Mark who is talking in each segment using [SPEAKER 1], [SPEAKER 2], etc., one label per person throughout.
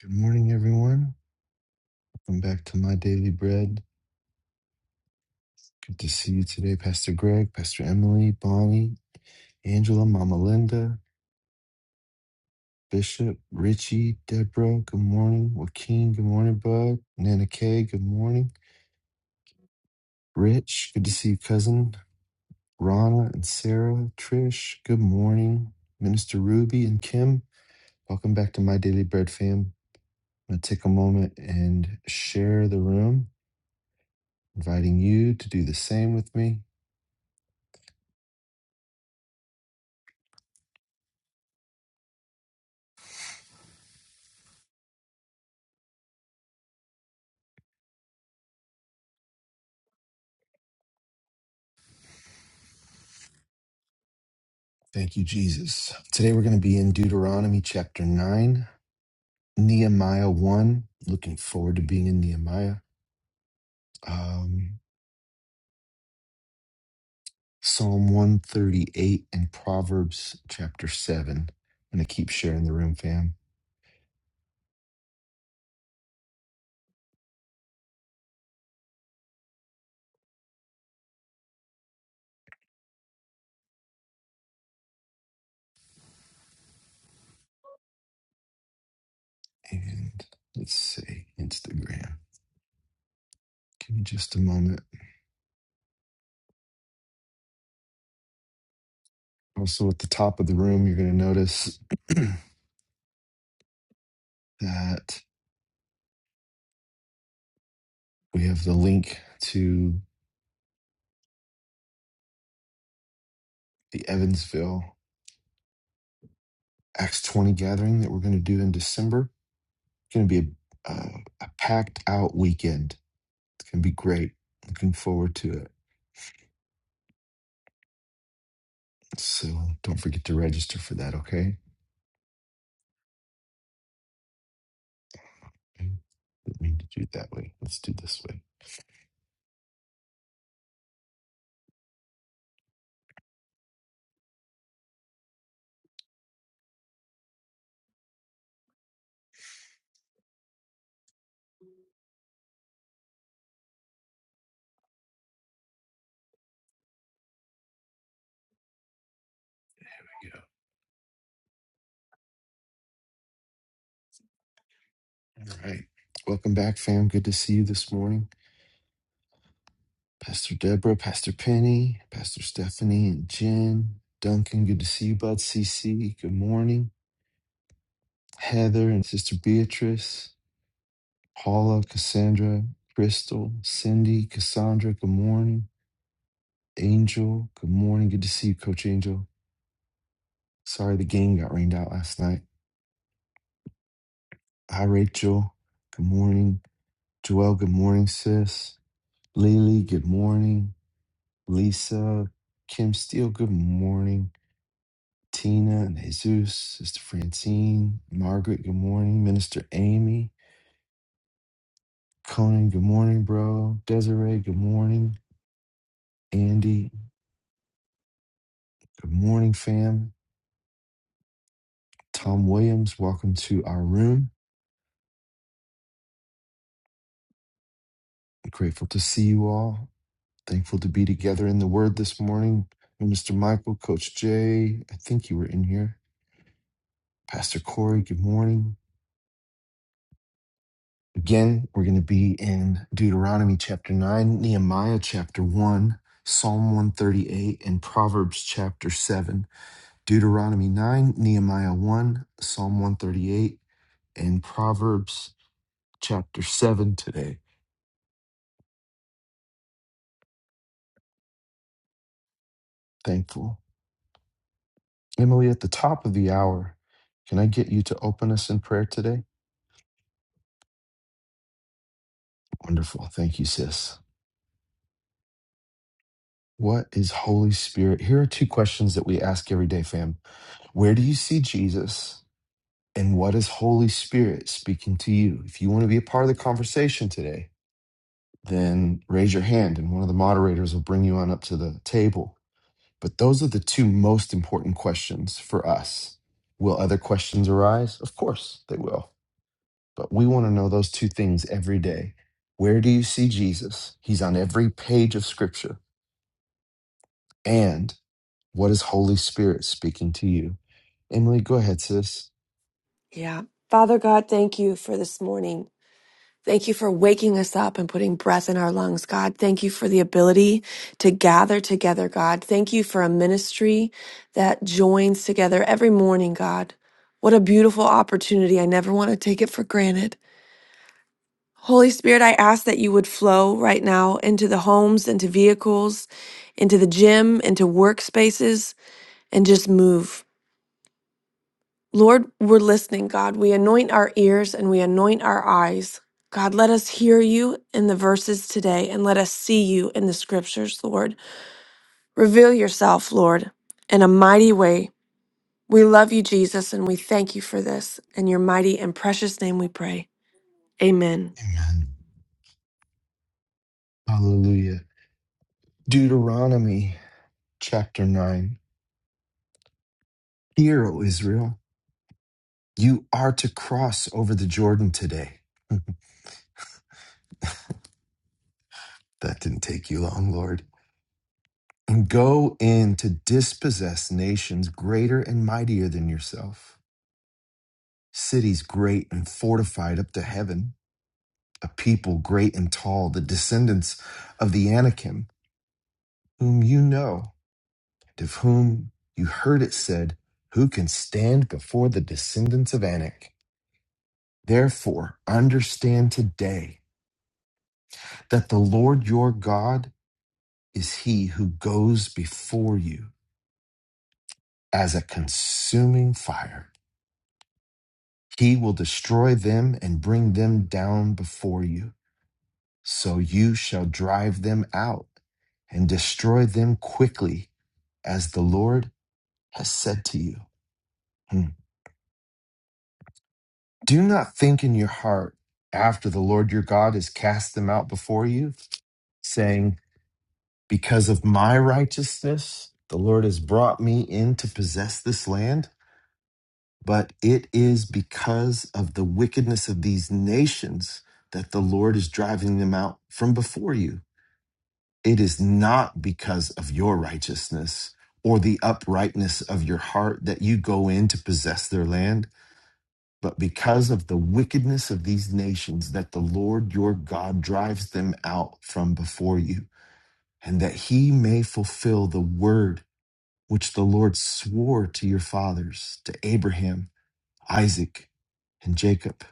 [SPEAKER 1] Good morning, everyone. Welcome back to My Daily Bread. Good to see you today, Pastor Greg, Pastor Emily, Bonnie, Angela, Mama Linda, Bishop, Richie, Deborah. Good morning. Joaquin, good morning, bud. Nana Kay, good morning. Rich, good to see you, cousin. Rana and Sarah, Trish, good morning. Minister Ruby and Kim, welcome back to My Daily Bread fam. I'm going to take a moment and share the room, inviting you to do the same with me. Thank you, Jesus. Today we're going to be in Deuteronomy chapter 9, Nehemiah 1. Looking forward to being in Nehemiah. Um, Psalm 138 and Proverbs chapter 7. I'm going to keep sharing the room, fam. And let's see, Instagram. Give me just a moment. Also, at the top of the room, you're going to notice that we have the link to the Evansville Acts 20 gathering that we're going to do in December. going to be a, uh, a packed out weekend. It's going to be great. Looking forward to it. So don't forget to register for that, okay? Okay. Didn't mean to do it that way. Let's do it this way. Yeah. All right. Welcome back, fam. Good to see you this morning. Pastor Deborah, Pastor Penny, Pastor Stephanie, and Jen. Duncan, good to see you, bud. CC, good morning. Heather and Sister Beatrice, Paula, Cassandra, Crystal, Cindy, Cassandra, good morning. Angel, good morning. Good to see you, Coach Angel. Sorry the game got rained out last night. Hi, Rachel. Good morning. Joelle, good morning, sis. Lily, good morning. Lisa, Kim Steele, good morning. Tina and Jesus, Sister Francine, Margaret, good morning. Minister Amy, Conan, good morning, bro. Desiree, good morning. Andy, good morning, fam. Tom Williams, welcome to our room. Grateful to see you all. Thankful to be together in the Word this morning. Mr. Michael, Coach Jay, I think you were in here. Pastor Corey, good morning. Again, we're going to be in Deuteronomy chapter 9, Nehemiah chapter 1, Psalm 138, and Proverbs chapter 7. Deuteronomy 9, Nehemiah 1, Psalm 138, and Proverbs chapter 7 today. Thankful. Emily, at the top of the hour, can I get you to open us in prayer today? Wonderful. Thank you, sis. What is Holy Spirit? Here are two questions that we ask every day, fam. Where do you see Jesus? And what is Holy Spirit speaking to you? If you want to be a part of the conversation today, then raise your hand and one of the moderators will bring you on up to the table. But those are the two most important questions for us. Will other questions arise? Of course they will. But we want to know those two things every day. Where do you see Jesus? He's on every page of Scripture. and What is Holy Spirit speaking to you? Emily, go ahead, sis.
[SPEAKER 2] Yeah. Father God, thank you for this morning. Thank you for waking us up and putting breath in our lungs, God. Thank you for the ability to gather together, God. Thank you for a ministry that joins together every morning, God. What a beautiful opportunity. I never want to take it for granted. Holy Spirit, I ask that you would flow right now into the homes, into vehicles, into the gym, into workspaces, and just move. Lord, we're listening, God. We anoint our ears and we anoint our eyes. God, let us hear you in the verses today and let us see you in the scriptures, Lord. Reveal yourself, Lord, in a mighty way. We love you, Jesus, and we thank you for this. In your mighty and precious name we pray. Amen.
[SPEAKER 1] Amen. Hallelujah. Deuteronomy chapter 9. Hear, O Israel, you are to cross over the Jordan today. That didn't take you long, Lord. And go in to dispossess nations greater and mightier than yourself, cities great and fortified up to heaven, a people great and tall, the descendants of the Anakim, whom you know. of whom you heard it said, Who can stand before the descendants of Anak? Therefore, understand today that the Lord your God is he who goes before you as a consuming fire. He will destroy them and bring them down before you. So you shall drive them out and destroy them quickly, as the Lord has said to you. Hmm. Do not think in your heart after the Lord your God has cast them out before you, saying, Because of my righteousness, the Lord has brought me in to possess this land. But it is because of the wickedness of these nations that the Lord is driving them out from before you. It is not because of your righteousness or the uprightness of your heart that you go in to possess their land But because of the wickedness of these nations, that the Lord your God drives them out from before you, and that he may fulfill the word which the Lord swore to your fathers, to Abraham, Isaac, and Jacob.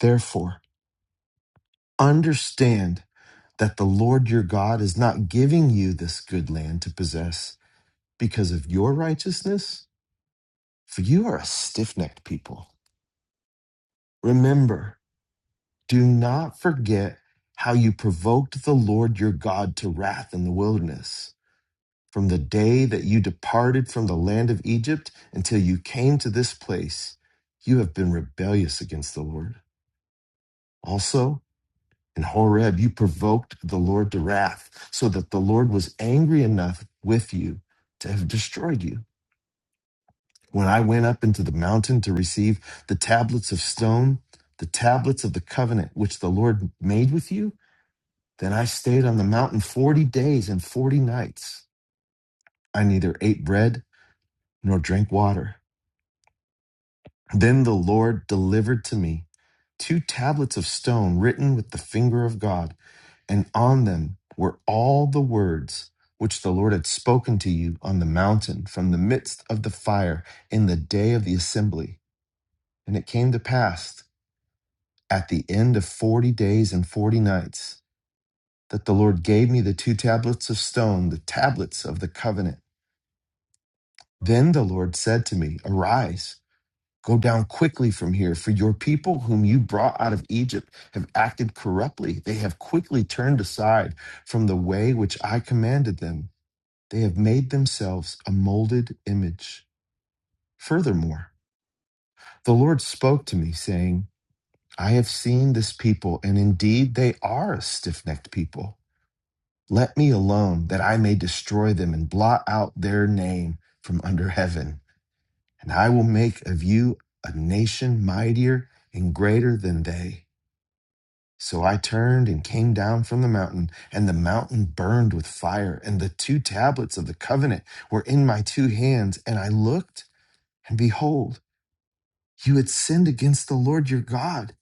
[SPEAKER 1] Therefore, understand that the Lord your God is not giving you this good land to possess because of your righteousness, for you are a stiff necked people. Remember, Do not forget how you provoked the Lord your God to wrath in the wilderness, from the day that you departed from the land of Egypt until you came to this place. You have been rebellious against the Lord. Also, in Horeb, you provoked the Lord to wrath, so that the Lord was angry enough with you to have destroyed you. When I went up into the mountain to receive the tablets of stone, the tablets of the covenant which the Lord made with you, Then I stayed on the mountain 40 days and 40 nights. I neither ate bread nor drank water. Then the Lord delivered to me two tablets of stone written with the finger of God, and on them were all the words which the Lord had spoken to you on the mountain from the midst of the fire in the day of the assembly. And it came to pass at the end of 40 days and 40 nights that the Lord gave me the two tablets of stone, the tablets of the covenant. Then the Lord said to me, Arise, go down quickly from here, for your people whom you brought out of Egypt have acted corruptly. They have quickly turned aside from the way which I commanded them. They have made themselves a molded image. Furthermore, the Lord spoke to me, saying, I have seen this people, and indeed they are a stiff necked people. Let me alone, that I may destroy them and blot out their name from under heaven. And I will make of you a nation mightier and greater than they. So I turned and came down from the mountain, and the mountain burned with fire, and the two tablets of the covenant were in my two hands. And I looked, and behold, you had sinned against the Lord your God,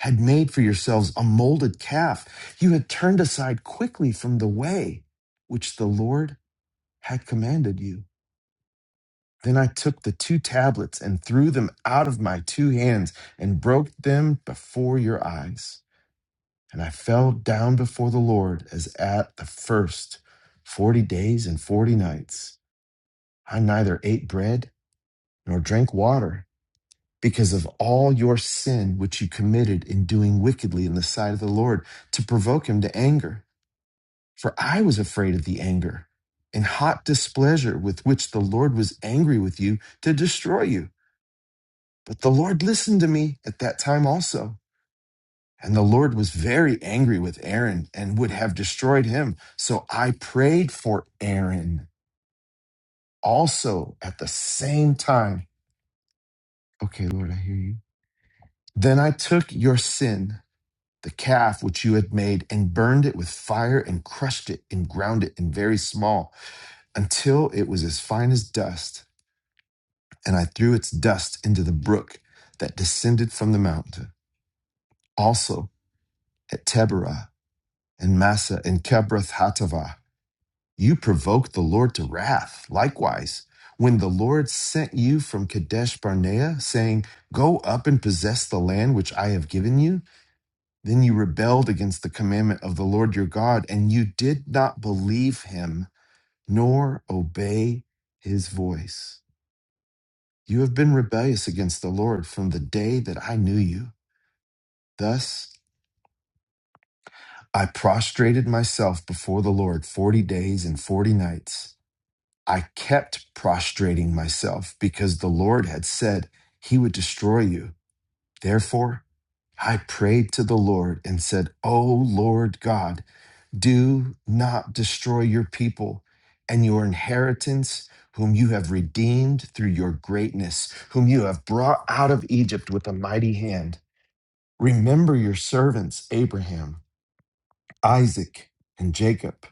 [SPEAKER 1] had made for yourselves a molded calf. You had turned aside quickly from the way which the Lord had commanded you. Then I took the two tablets and threw them out of my two hands and broke them before your eyes. And I fell down before the Lord as at the first forty days and forty nights. I neither ate bread nor drank water because of all your sin which you committed in doing wickedly in the sight of the Lord to provoke him to anger. For I was afraid of the anger and hot displeasure with which the Lord was angry with you to destroy you. But the Lord listened to me at that time also. And the Lord was very angry with Aaron and would have destroyed him. So I prayed for Aaron also at the same time. Okay, Lord, I hear you. Then I took your sin, the calf which you had made, and burned it with fire and crushed it and ground it in very small until it was as fine as dust. And I threw its dust into the brook that descended from the mountain. Also at Teberah. and Massa and Kebrath Hatava. You provoked the Lord to wrath. Likewise, when the Lord sent you from Kadesh Barnea, saying, Go up and possess the land which I have given you, then you rebelled against the commandment of the Lord your God, and you did not believe him nor obey his voice. You have been rebellious against the Lord from the day that I knew you. Thus I prostrated myself before the Lord forty days and forty nights. I kept prostrating myself because the Lord had said he would destroy you. Therefore, I prayed to the Lord and said, O Lord God, do not destroy your people and your inheritance, whom you have redeemed through your greatness, whom you have brought out of Egypt with a mighty hand. Remember your servants, Abraham, Isaac, and Jacob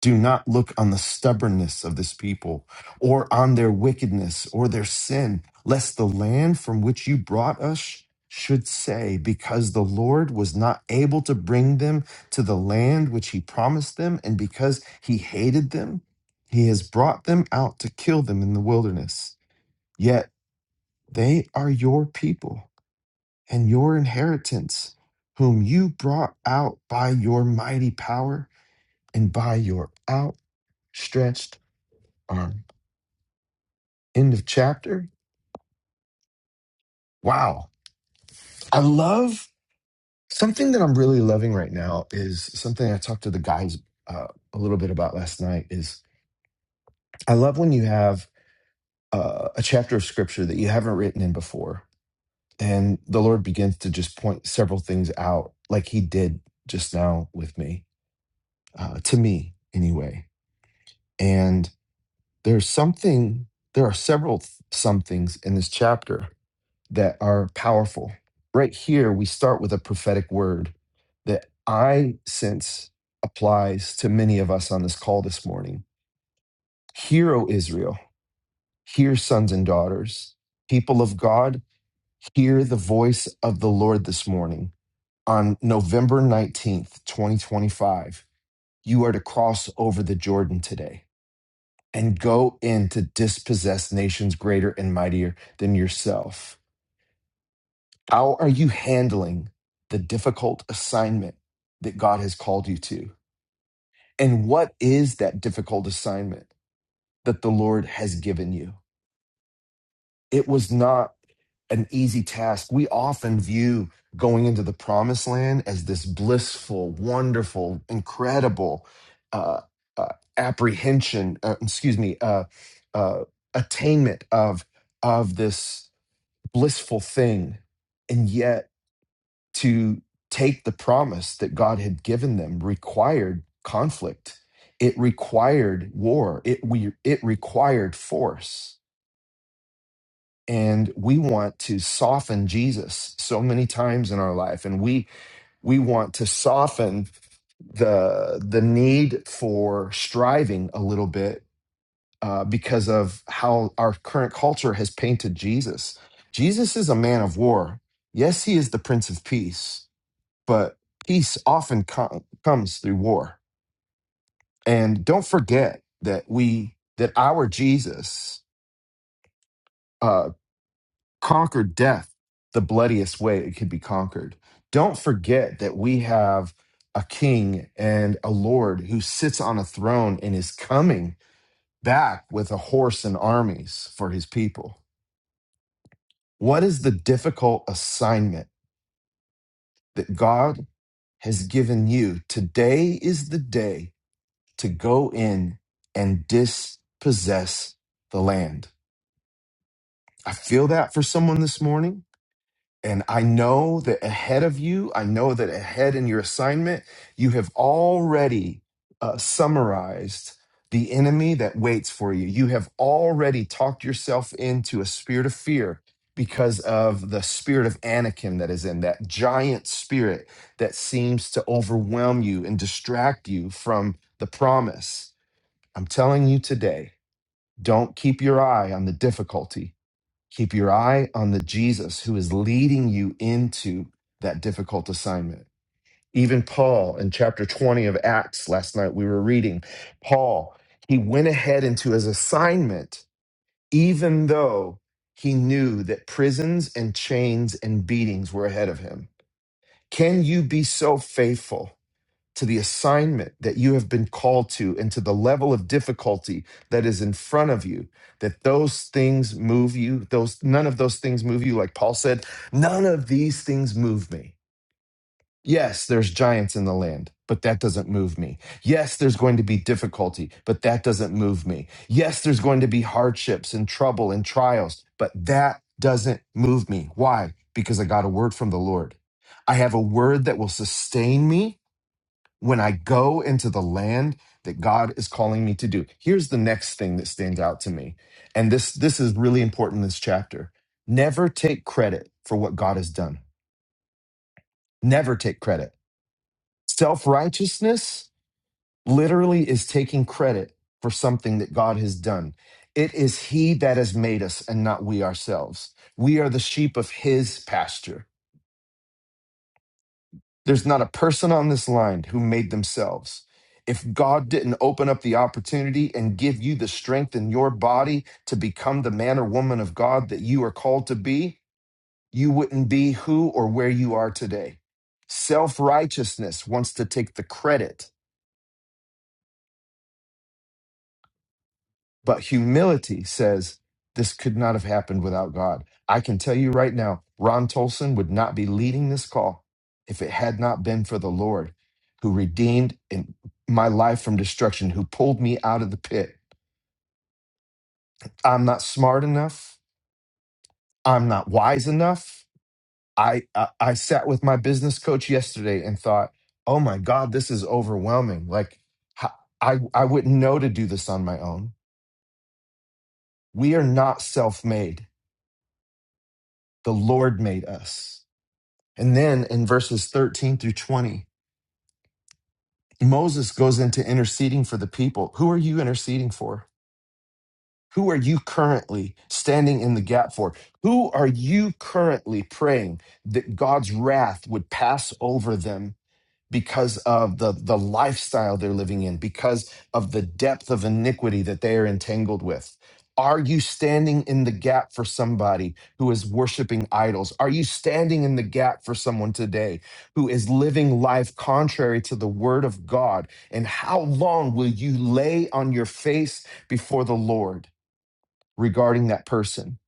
[SPEAKER 1] Do not look on the stubbornness of this people, or on their wickedness, or their sin, lest the land from which you brought us should say, Because the Lord was not able to bring them to the land which he promised them, and because he hated them, he has brought them out to kill them in the wilderness. Yet they are your people and your inheritance, whom you brought out by your mighty power and by your outstretched um, end of chapter. Wow. I love something that I'm really loving right now is something I talked to the guys uh, a little bit about last night is I love when you have uh, a chapter of scripture that you haven't written in before. And the Lord begins to just point several things out like he did just now with me, uh, to me anyway. And there's something, there are several th- some things in this chapter that are powerful. Right here, we start with a prophetic word that I sense applies to many of us on this call this morning. Hear, O Israel, hear, sons and daughters, people of God, hear the voice of the Lord this morning. On November 19th, 2025, you are to cross over the Jordan today and go in to dispossess nations greater and mightier than yourself How are you handling the difficult assignment that God has called you to? And what is that difficult assignment that the Lord has given you? It was not an easy task. We often view going into the promised land as this blissful, wonderful, incredible uh, uh, apprehension, uh, excuse me, uh, uh, attainment of, of this blissful thing. And yet, to take the promise that God had given them required conflict. It required war. It we it required force. And we want to soften Jesus so many times in our life. And we we want to soften the the need for striving a little bit uh, because of how our current culture has painted Jesus. Jesus is a man of war. Yes, he is the Prince of Peace but peace often com- comes through war. And don't forget that we that our Jesus uh, conquered death the bloodiest way it could be conquered. Don't forget that we have a king and a lord who sits on a throne and is coming back with a horse and armies for his people. What is the difficult assignment that God has given you? Today is the day to go in and dispossess the land. I feel that for someone this morning. And I know that ahead of you, I know that ahead in your assignment, you have already uh, summarized the enemy that waits for you. You have already talked yourself into a spirit of fear because of the spirit of Anakim that is in that giant spirit that seems to overwhelm you and distract you from the promise. I'm telling you today, don't keep your eye on the difficulty. Keep your eye on the Jesus who is leading you into that difficult assignment. Even Paul in chapter 20 of Acts, last night we were reading, Paul, he went ahead into his assignment, even though he knew that prisons and chains and beatings were ahead of him. Can you be so faithful? to the assignment that you have been called to and to the level of difficulty that is in front of you that those things move you those none of those things move you like paul said none of these things move me yes there's giants in the land but that doesn't move me yes there's going to be difficulty but that doesn't move me yes there's going to be hardships and trouble and trials but that doesn't move me why because i got a word from the lord i have a word that will sustain me when I go into the land that God is calling me to do. Here's the next thing that stands out to me. And this this is really important in this chapter. Never take credit for what God has done. Never take credit. Self-righteousness literally is taking credit for something that God has done. It is he that has made us and not we ourselves. We are the sheep of his pasture. There's not a person on this line who made themselves. If God didn't open up the opportunity and give you the strength in your body to become the man or woman of God that you are called to be, you wouldn't be who or where you are today. Self righteousness wants to take the credit But humility says, this could not have happened without God. I can tell you right now, Ron Tolson would not be leading this call if it had not been for the Lord who redeemed in- my life from destruction, who pulled me out of the pit. I'm not smart enough. I'm not wise enough. I, I, I sat with my business coach yesterday and thought, oh my God, this is overwhelming. Like, h- I, I wouldn't know to do this on my own. We are not self made, the Lord made us. And then in verses 13 through 20, Moses goes into interceding for the people. Who are you interceding for? Who are you currently standing in the gap for? Who are you currently praying that God's wrath would pass over them because of the the lifestyle they're living in because of the depth of iniquity that they are entangled with are you standing in the gap for somebody who is worshiping idols are you standing in the gap for someone today who is living life contrary to the word of god and how long will you lay on your face before the lord regarding that person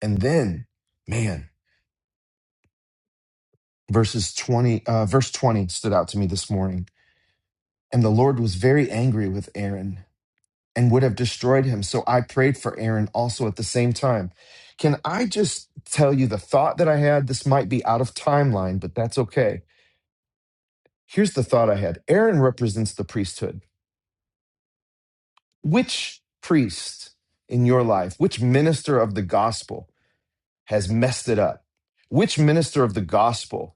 [SPEAKER 1] and then man verses 20 uh, verse 20 stood out to me this morning And the Lord was very angry with Aaron and would have destroyed him. So I prayed for Aaron also at the same time. Can I just tell you the thought that I had? This might be out of timeline, but that's okay. Here's the thought I had Aaron represents the priesthood. Which priest in your life, which minister of the gospel has messed it up? Which minister of the gospel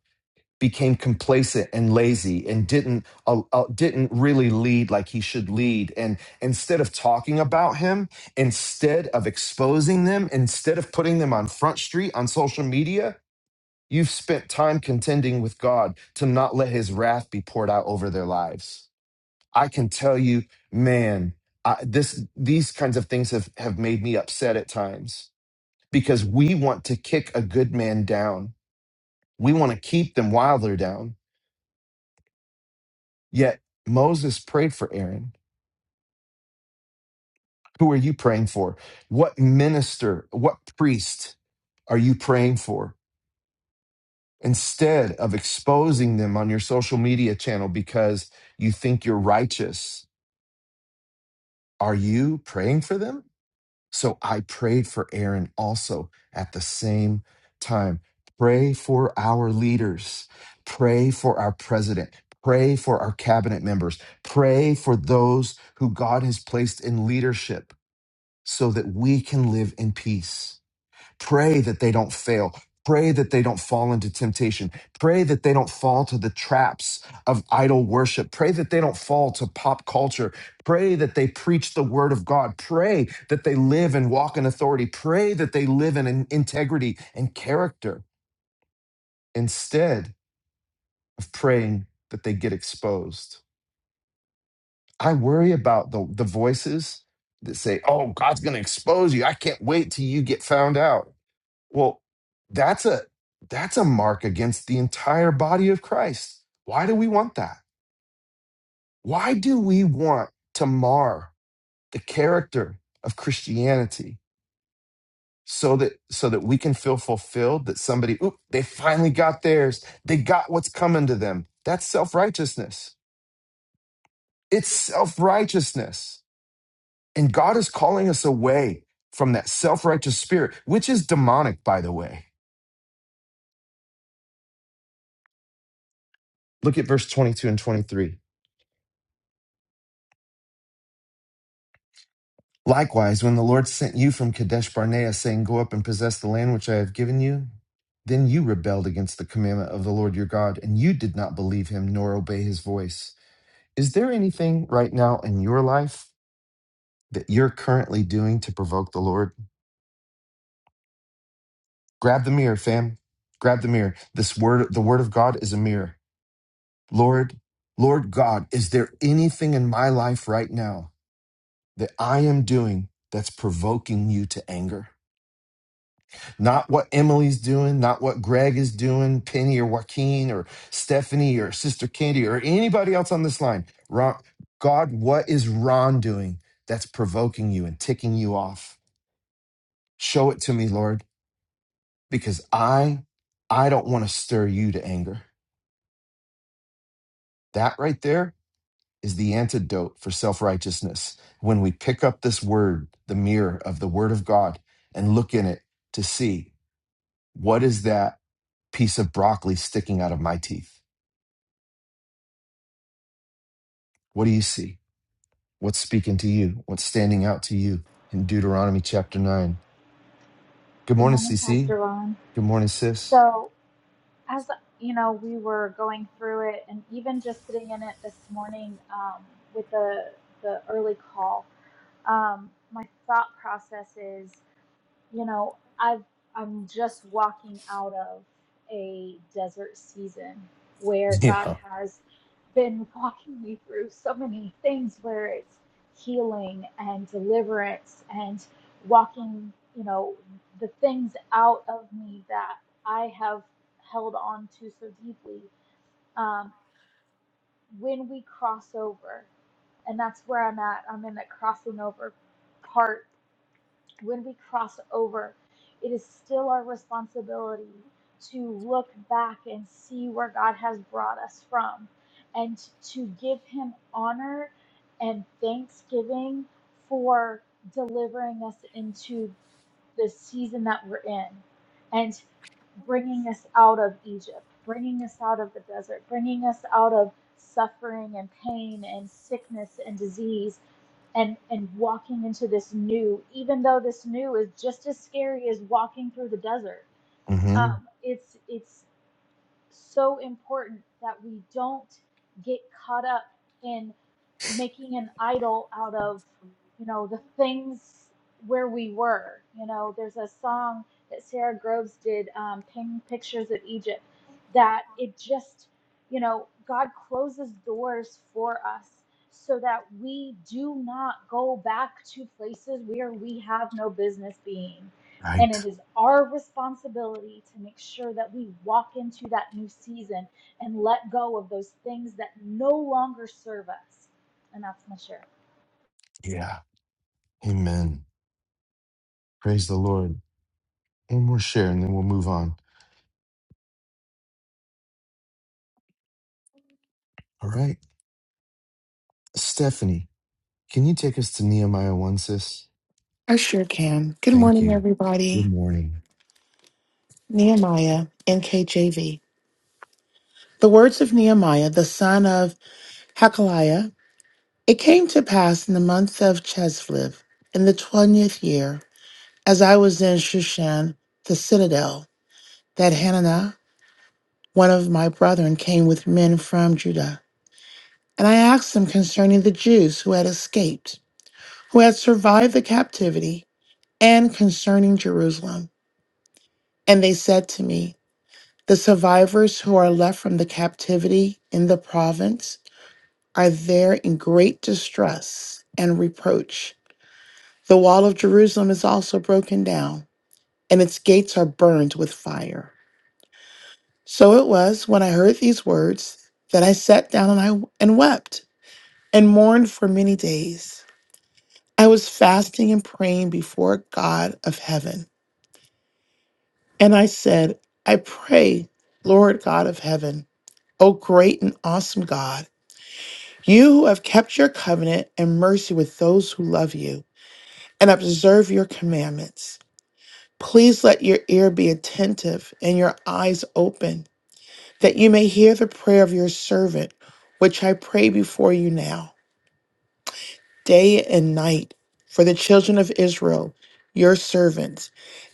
[SPEAKER 1] became complacent and lazy and didn't uh, uh, didn't really lead like he should lead and instead of talking about him instead of exposing them instead of putting them on front street on social media you've spent time contending with God to not let his wrath be poured out over their lives i can tell you man I, this these kinds of things have have made me upset at times because we want to kick a good man down we want to keep them while they're down Yet Moses prayed for Aaron. Who are you praying for? What minister, what priest are you praying for? Instead of exposing them on your social media channel because you think you're righteous, are you praying for them? So I prayed for Aaron also at the same time. Pray for our leaders. Pray for our president. Pray for our cabinet members. Pray for those who God has placed in leadership so that we can live in peace. Pray that they don't fail. Pray that they don't fall into temptation. Pray that they don't fall to the traps of idol worship. Pray that they don't fall to pop culture. Pray that they preach the word of God. Pray that they live and walk in authority. Pray that they live in integrity and character instead of praying that they get exposed. I worry about the, the voices that say, Oh, God's going to expose you. I can't wait till you get found out Well, that's a that's a mark against the entire body of Christ. Why do we want that? Why do we want to mar the character of Christianity so that so that we can feel fulfilled that somebody oop they finally got theirs. They got what's coming to them. That's self-righteousness. It's self-righteousness. And God is calling us away from that self-righteous spirit, which is demonic by the way. Look at verse 22 and 23. Likewise, when the Lord sent you from Kadesh Barnea, saying, Go up and possess the land which I have given you, then you rebelled against the commandment of the Lord your God, and you did not believe him nor obey his voice. Is there anything right now in your life that you're currently doing to provoke the Lord? Grab the mirror, fam. Grab the mirror. This word, the word of God is a mirror. Lord, Lord God, is there anything in my life right now that I am doing that's provoking you to anger? Not what Emily's doing, not what Greg is doing, Penny or Joaquin or Stephanie or Sister Candy or anybody else on this line. Ron, God, what is Ron doing that's provoking you and ticking you off? Show it to me, Lord, because I I don't want to stir you to anger. That right there is the antidote for self-righteousness. When we pick up this word, the mirror of the word of God and look in it to see what is that piece of broccoli sticking out of my teeth? What do you see? What's speaking to you? What's standing out to you in Deuteronomy chapter 9? Good
[SPEAKER 3] Good
[SPEAKER 1] morning, C.
[SPEAKER 3] morning,
[SPEAKER 1] C.
[SPEAKER 3] Pastor Ron.
[SPEAKER 1] Good morning, sis.
[SPEAKER 3] So, as you know, we were going through it, and even just sitting in it this morning um, with the the early call, um, my thought process is you know, I've I'm just walking out of a desert season where God
[SPEAKER 1] Yeah.
[SPEAKER 3] has been walking me through so many things where it's healing and deliverance and walking, you know, the things out of me that I have held on to so deeply. Um, when we cross over, and that's where I'm at, I'm in that crossing over part when we cross over, it is still our responsibility to look back and see where God has brought us from and to give Him honor and thanksgiving for delivering us into the season that we're in and bringing us out of Egypt, bringing us out of the desert, bringing us out of suffering and pain and sickness and disease and and walking into this new even though this new is just as scary as walking through the desert
[SPEAKER 1] hmm
[SPEAKER 3] um, it's it's so important that we don't get caught up in making an idol out of, you know, the things where we were. You know, there's a song that Sarah Groves did, um, Painting Pictures of Egypt, that it just, you know, God closes doors for us so that we do not go back to places where we have no business being. And
[SPEAKER 1] Right.
[SPEAKER 3] it is our responsibility to make sure that we walk into that new season and let go of those things that no longer serve us. And that's my share.
[SPEAKER 1] Yeah. Amen. Praise the Lord. One more share and then we'll move on. All right. Stephanie, can you take us to Nehemiah 1, sis?
[SPEAKER 4] I sure can. Good
[SPEAKER 1] Thank
[SPEAKER 4] morning,
[SPEAKER 1] you. Good
[SPEAKER 4] everybody.
[SPEAKER 1] morning.
[SPEAKER 4] Nehemiah, NKJV. The words of Nehemiah, the son of Hakaliah. It came to pass in the month of Cheslev, in the twentieth year, as I was in Shushan, the citadel, that Hananiah, one of my brethren, came with men from Judah. And I asked him concerning the Jews who had escaped, who had survived the captivity, and concerning Jerusalem. And they said to me, The survivors who are left from the captivity in the province are there in great distress and reproach. The wall of Jerusalem is also broken down, and its gates are burned with fire. So it was when I heard these words that I sat down and I and wept and mourned for many days. I was fasting and praying before God of heaven, and I said, I pray, Lord God of heaven, O great and awesome God. You who have kept your covenant and mercy with those who love you and observe your commandments, please let your ear be attentive and your eyes open, that you may hear the prayer of your servant, which I pray before you now, day and night, for the children of Israel, your servants,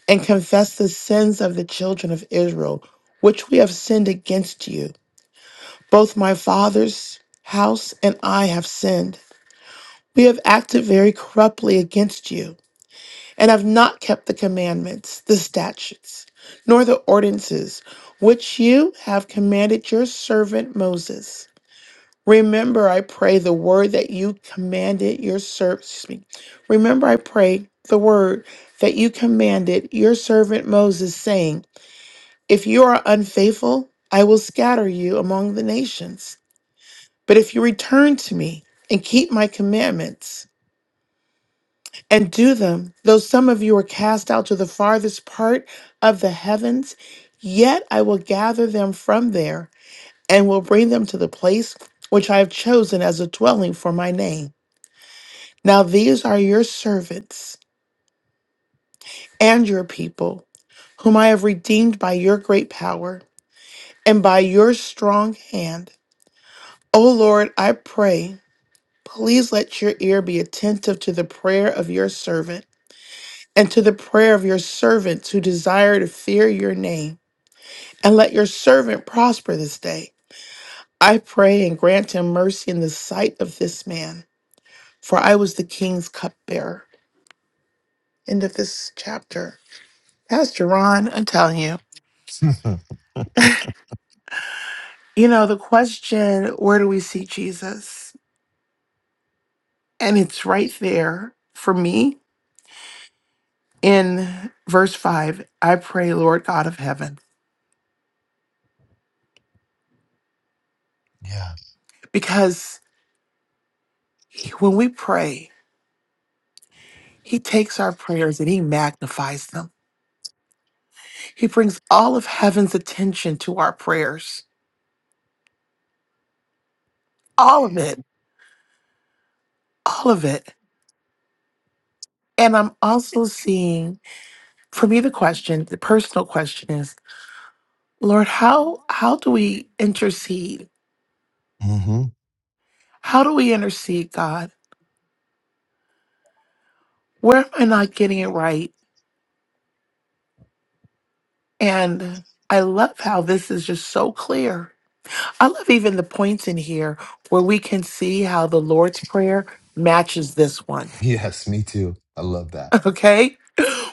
[SPEAKER 4] and confess the sins of the children of Israel, which we have sinned against you. Both my father's house and I have sinned. We have acted very corruptly against you, and have not kept the commandments, the statutes, nor the ordinances which you have commanded your servant Moses. Remember, I pray, the word that you commanded your servant. Excuse me. Remember, I pray, the word that you commanded your servant Moses, saying, If you are unfaithful, I will scatter you among the nations. But if you return to me and keep my commandments, and do them. Though some of you are cast out to the farthest part of the heavens, yet I will gather them from there and will bring them to the place which I have chosen as a dwelling for my name. Now these are your servants and your people, whom I have redeemed by your great power and by your strong hand. O Lord, I pray, please let your ear be attentive to the prayer of your servant and to the prayer of your servants who desire to fear your name. And let your servant prosper this day. I pray and grant him mercy in the sight of this man, for I was the king's cupbearer. End of this chapter. Pastor Ron, I'm telling you,
[SPEAKER 1] yeah.
[SPEAKER 4] you know, the question, where do we see Jesus? And it's right there for me in verse 5. I pray, Lord God of heaven, because when we pray, he takes our prayers and he magnifies them. He brings all of heaven's attention to our prayers, all of it, all of it. And I'm also seeing, for me, the question, the personal question is, Lord, how how do we intercede?
[SPEAKER 1] mm hmm
[SPEAKER 4] How do we intercede, God? Where am I not getting it right? And I love how this is just so clear. I love even the points in here where we can see how the Lord's Prayer matches this one.
[SPEAKER 1] Yes, me too. I love that.
[SPEAKER 4] Okay?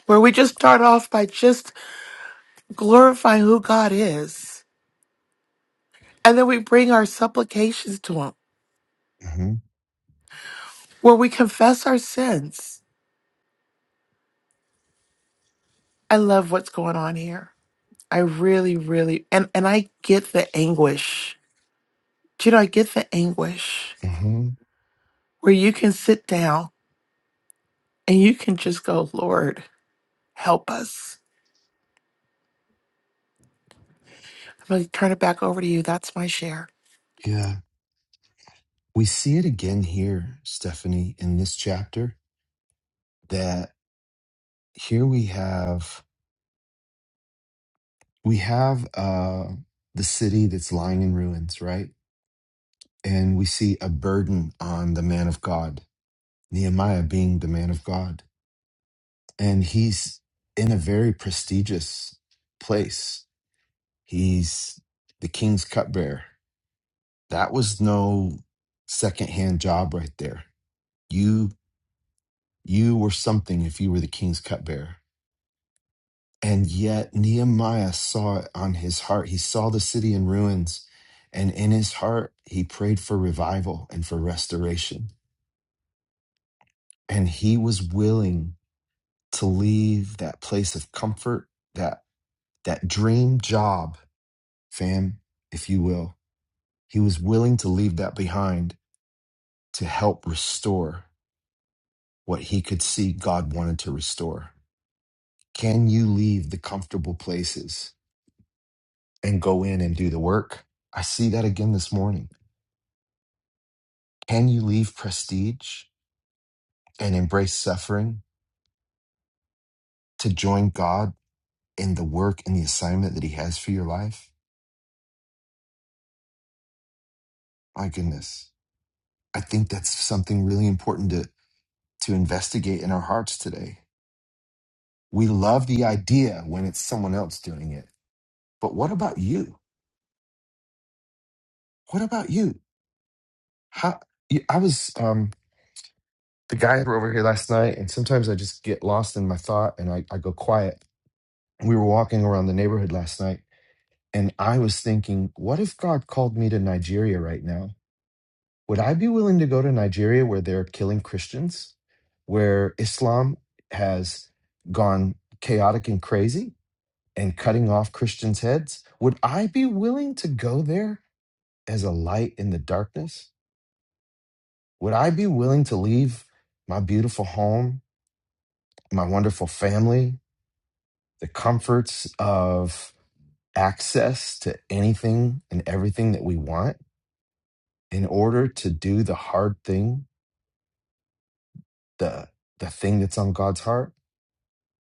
[SPEAKER 4] Where we just start off by just glorify who God is. And then we bring our supplications to Him
[SPEAKER 1] mm hmm
[SPEAKER 4] where we confess our sins. I love what's going on here. I really, really, and, and I get the anguish. Do you know, I get the anguish
[SPEAKER 1] mm hmm
[SPEAKER 4] where you can sit down and you can just go, Lord, help us. I'm going to turn it back over to you. That's my share.
[SPEAKER 1] Yeah. We see it again here, Stephanie, in this chapter that here we have we have uh the city that's lying in ruins right and we see a burden on the man of god nehemiah being the man of god and he's in a very prestigious place he's the king's cupbearer that was no secondhand job right there you you were something if you were the king's cupbearer And yet Nehemiah saw it on his heart. He saw the city in ruins. And in his heart, he prayed for revival and for restoration. And he was willing to leave that place of comfort, that, that dream job, fam, if you will. He was willing to leave that behind to help restore what he could see God wanted to restore. Can you leave the comfortable places and go in and do the work? I see that again this morning Can you leave prestige and embrace suffering to join God in the work and the assignment that He has for your life? My goodness. I think that's something really important to, to investigate in our hearts today. We love the idea when it's someone else doing it, but what about you? What about you? How, you- I was um, the guy over here last night, and sometimes I just get lost in my thought and I, I go quiet. We were walking around the neighborhood last night And I was thinking, what if God called me to Nigeria right now? Would I be willing to go to Nigeria where they're killing Christians, where Islam has gone chaotic and crazy and cutting off Christians' heads? Would I be willing to go there as a light in the darkness? Would I be willing to leave my beautiful home, my wonderful family, the comforts of access to anything and everything that we want? in order to do the hard thing, the the thing that's on God's heart?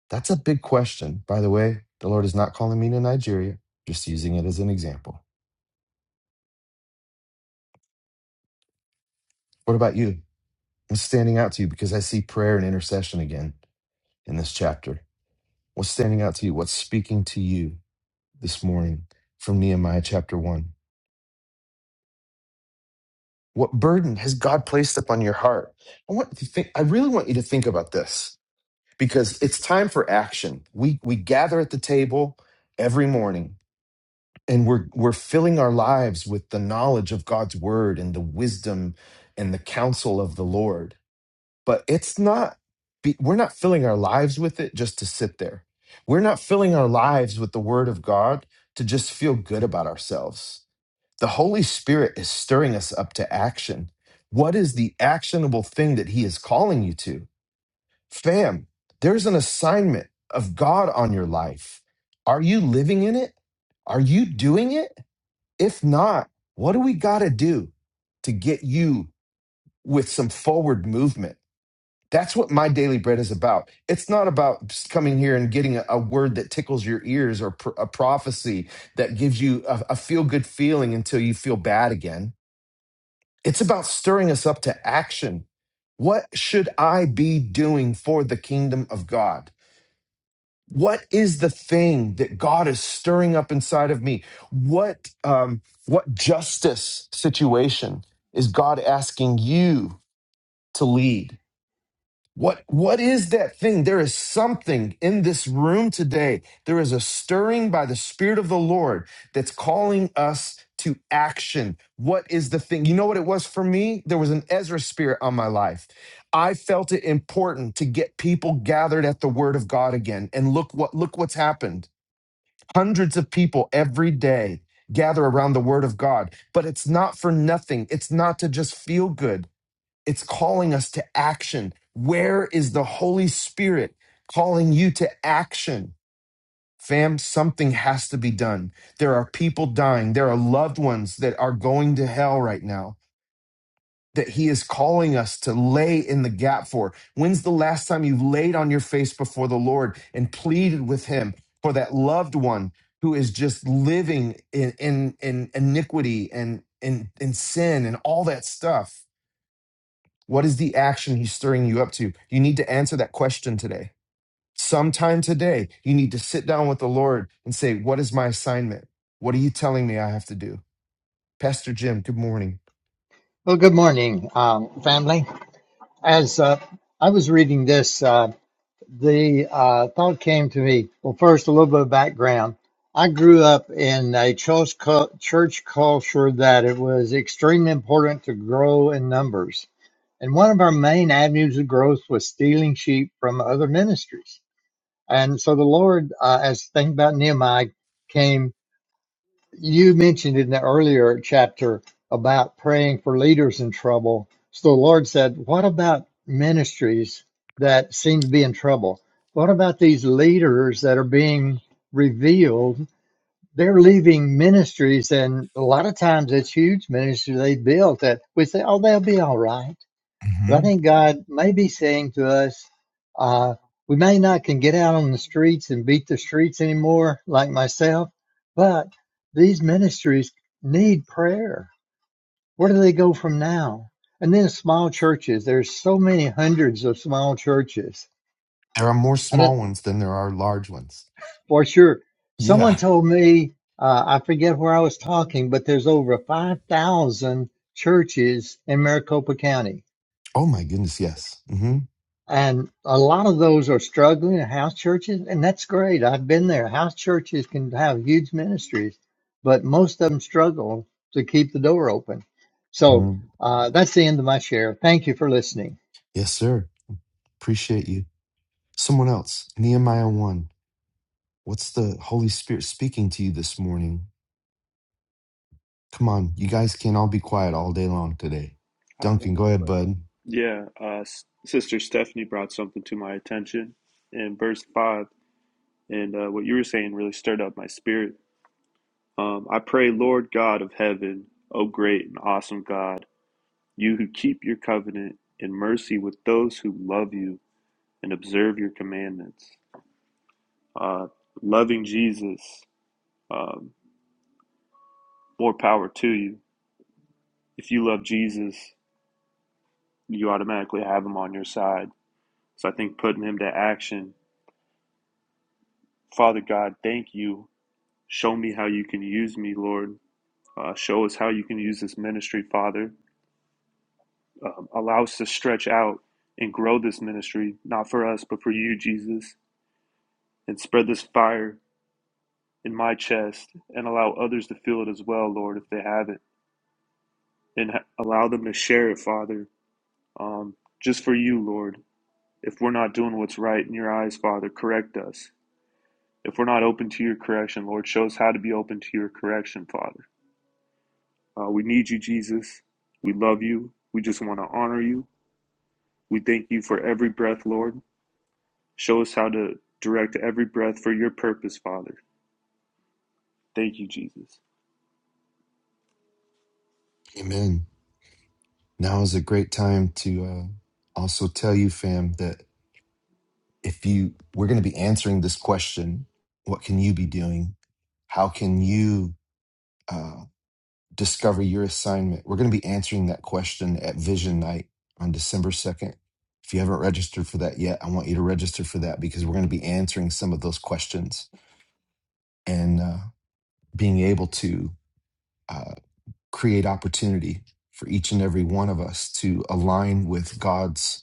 [SPEAKER 1] That's a big question. By the way, the Lord is not calling me to Nigeria, just using it as an example. What about you? What's standing out to you? Because I see prayer and intercession again in this chapter. What's standing out to you? What's speaking to you this morning from Nehemiah chapter one? What burden has God placed upon your heart? I want you to think, I really want you to think about this because it's time for action. We we gather at the table every morning and we're we're filling our lives with the knowledge of God's word and the wisdom and the counsel of the Lord. But it's not be- we're not filling our lives with it just to sit there. We're not filling our lives with the word of God to just feel good about ourselves. The Holy Spirit is stirring us up to action. What is the actionable thing that he is calling you to? Fam, there's an assignment of God on your life. Are you living in it? Are you doing it? If not, what do we got to do to get you with some forward movement? That's what my daily bread is about. It's not about just coming here and getting a, a word that tickles your ears or pr- a prophecy that gives you a, a feel good feeling until you feel bad again. It's about stirring us up to action. What should I be doing for the kingdom of God? what is the thing that god is stirring up inside of me what um what justice situation is god asking you to lead what what is that thing? There is something in this room today. There is a stirring by the spirit of the Lord that's calling us to action. What is the thing? You know what it was for me? There was an Ezra spirit on my life. I felt it important to get people gathered at the word of God again. And look what look what's happened. Hundreds of people every day gather around the word of God, but it's not for nothing. It's not to just feel good. It's calling us to action. Where is the Holy Spirit calling you to action? Fam, something has to be done. There are people dying. There are loved ones that are going to hell right now that he is calling us to lay in the gap for. When's the last time you've laid on your face before the Lord and pleaded with him for that loved one who is just living in in, in iniquity and in, in sin and all that stuff? What is the action he's stirring you up to? You need to answer that question today. Sometime today, you need to sit down with the Lord and say, What is my assignment? What are you telling me I have to do? Pastor Jim, good morning.
[SPEAKER 5] Well, good morning, um, family. As uh, I was reading this, uh, the uh, thought came to me. Well, first, a little bit of background. I grew up in a church, cul- church culture that it was extremely important to grow in numbers. And one of our main avenues of growth was stealing sheep from other ministries. And so the Lord, uh, as think about Nehemiah, came you mentioned in the earlier chapter about praying for leaders in trouble. So the Lord said, What about ministries that seem to be in trouble? What about these leaders that are being revealed? They're leaving ministries, and a lot of times it's huge ministries they built that we say, Oh, they'll be all right. But I
[SPEAKER 1] hmm
[SPEAKER 5] think God may be saying to us, uh, we may not can get out on the streets and beat the streets anymore, like myself, but these ministries need prayer. Where do they go from now? And then small churches. There's so many hundreds of small churches.
[SPEAKER 1] There are more
[SPEAKER 5] I don't
[SPEAKER 1] small ones than there are large ones.
[SPEAKER 5] for sure. Someone
[SPEAKER 1] Yeah.
[SPEAKER 5] told me uh, I forget where I was talking, but there's over five thousand churches in Maricopa County
[SPEAKER 1] Oh, my goodness. Yes. hmm
[SPEAKER 5] And a lot of those are struggling house churches, and that's great. I've been there. House churches can have huge ministries, but most of them struggle to keep the door open. So
[SPEAKER 1] hmm
[SPEAKER 5] uh, that's the end of my share. Thank you for listening.
[SPEAKER 1] Yes, sir. Appreciate you. Someone else, Nehemiah 1. What's the Holy Spirit speaking to you this morning? Come on. You guys can't all be quiet all day long today. Duncan, go ahead, bud.
[SPEAKER 6] Yeah, uh, S- Sister Stephanie brought something to my attention in verse 5, and uh, what you were saying really stirred up my spirit. Um, I pray, Lord God of heaven, O great and awesome God, you who keep your covenant in mercy with those who love you and observe your commandments. Uh, loving Jesus, um, more power to you. If you love Jesus, you automatically have him on your side. So I think putting him to action, Father God, thank you Show me how you can use me, Lord. Uh, show us how you can use this ministry, Father. Um, allow us to stretch out and grow this ministry, not for us, but for you, Jesus. And spread this fire in my chest and allow others to feel it as well, Lord, if they haven't. And ha- allow them to share it, Father, um, just for you, Lord. If we're not doing what's right in your eyes, Father, correct us. If we're not open to your correction, Lord, show us how to be open to your correction, Father. Uh, we need you, Jesus. We love you. We just want to honor you. We thank you for every breath, Lord. Show us how to direct every breath for your purpose, Father. Thank you, Jesus.
[SPEAKER 1] Amen. Now is a great time to uh, also tell you, fam, that if you, we're going to be answering this question what can you be doing? How can you uh, discover your assignment? We're going to be answering that question at Vision Night on December 2nd. If you haven't registered for that yet, I want you to register for that because we're going to be answering some of those questions and uh, being able to uh, create opportunity for each and every one of us to align with God's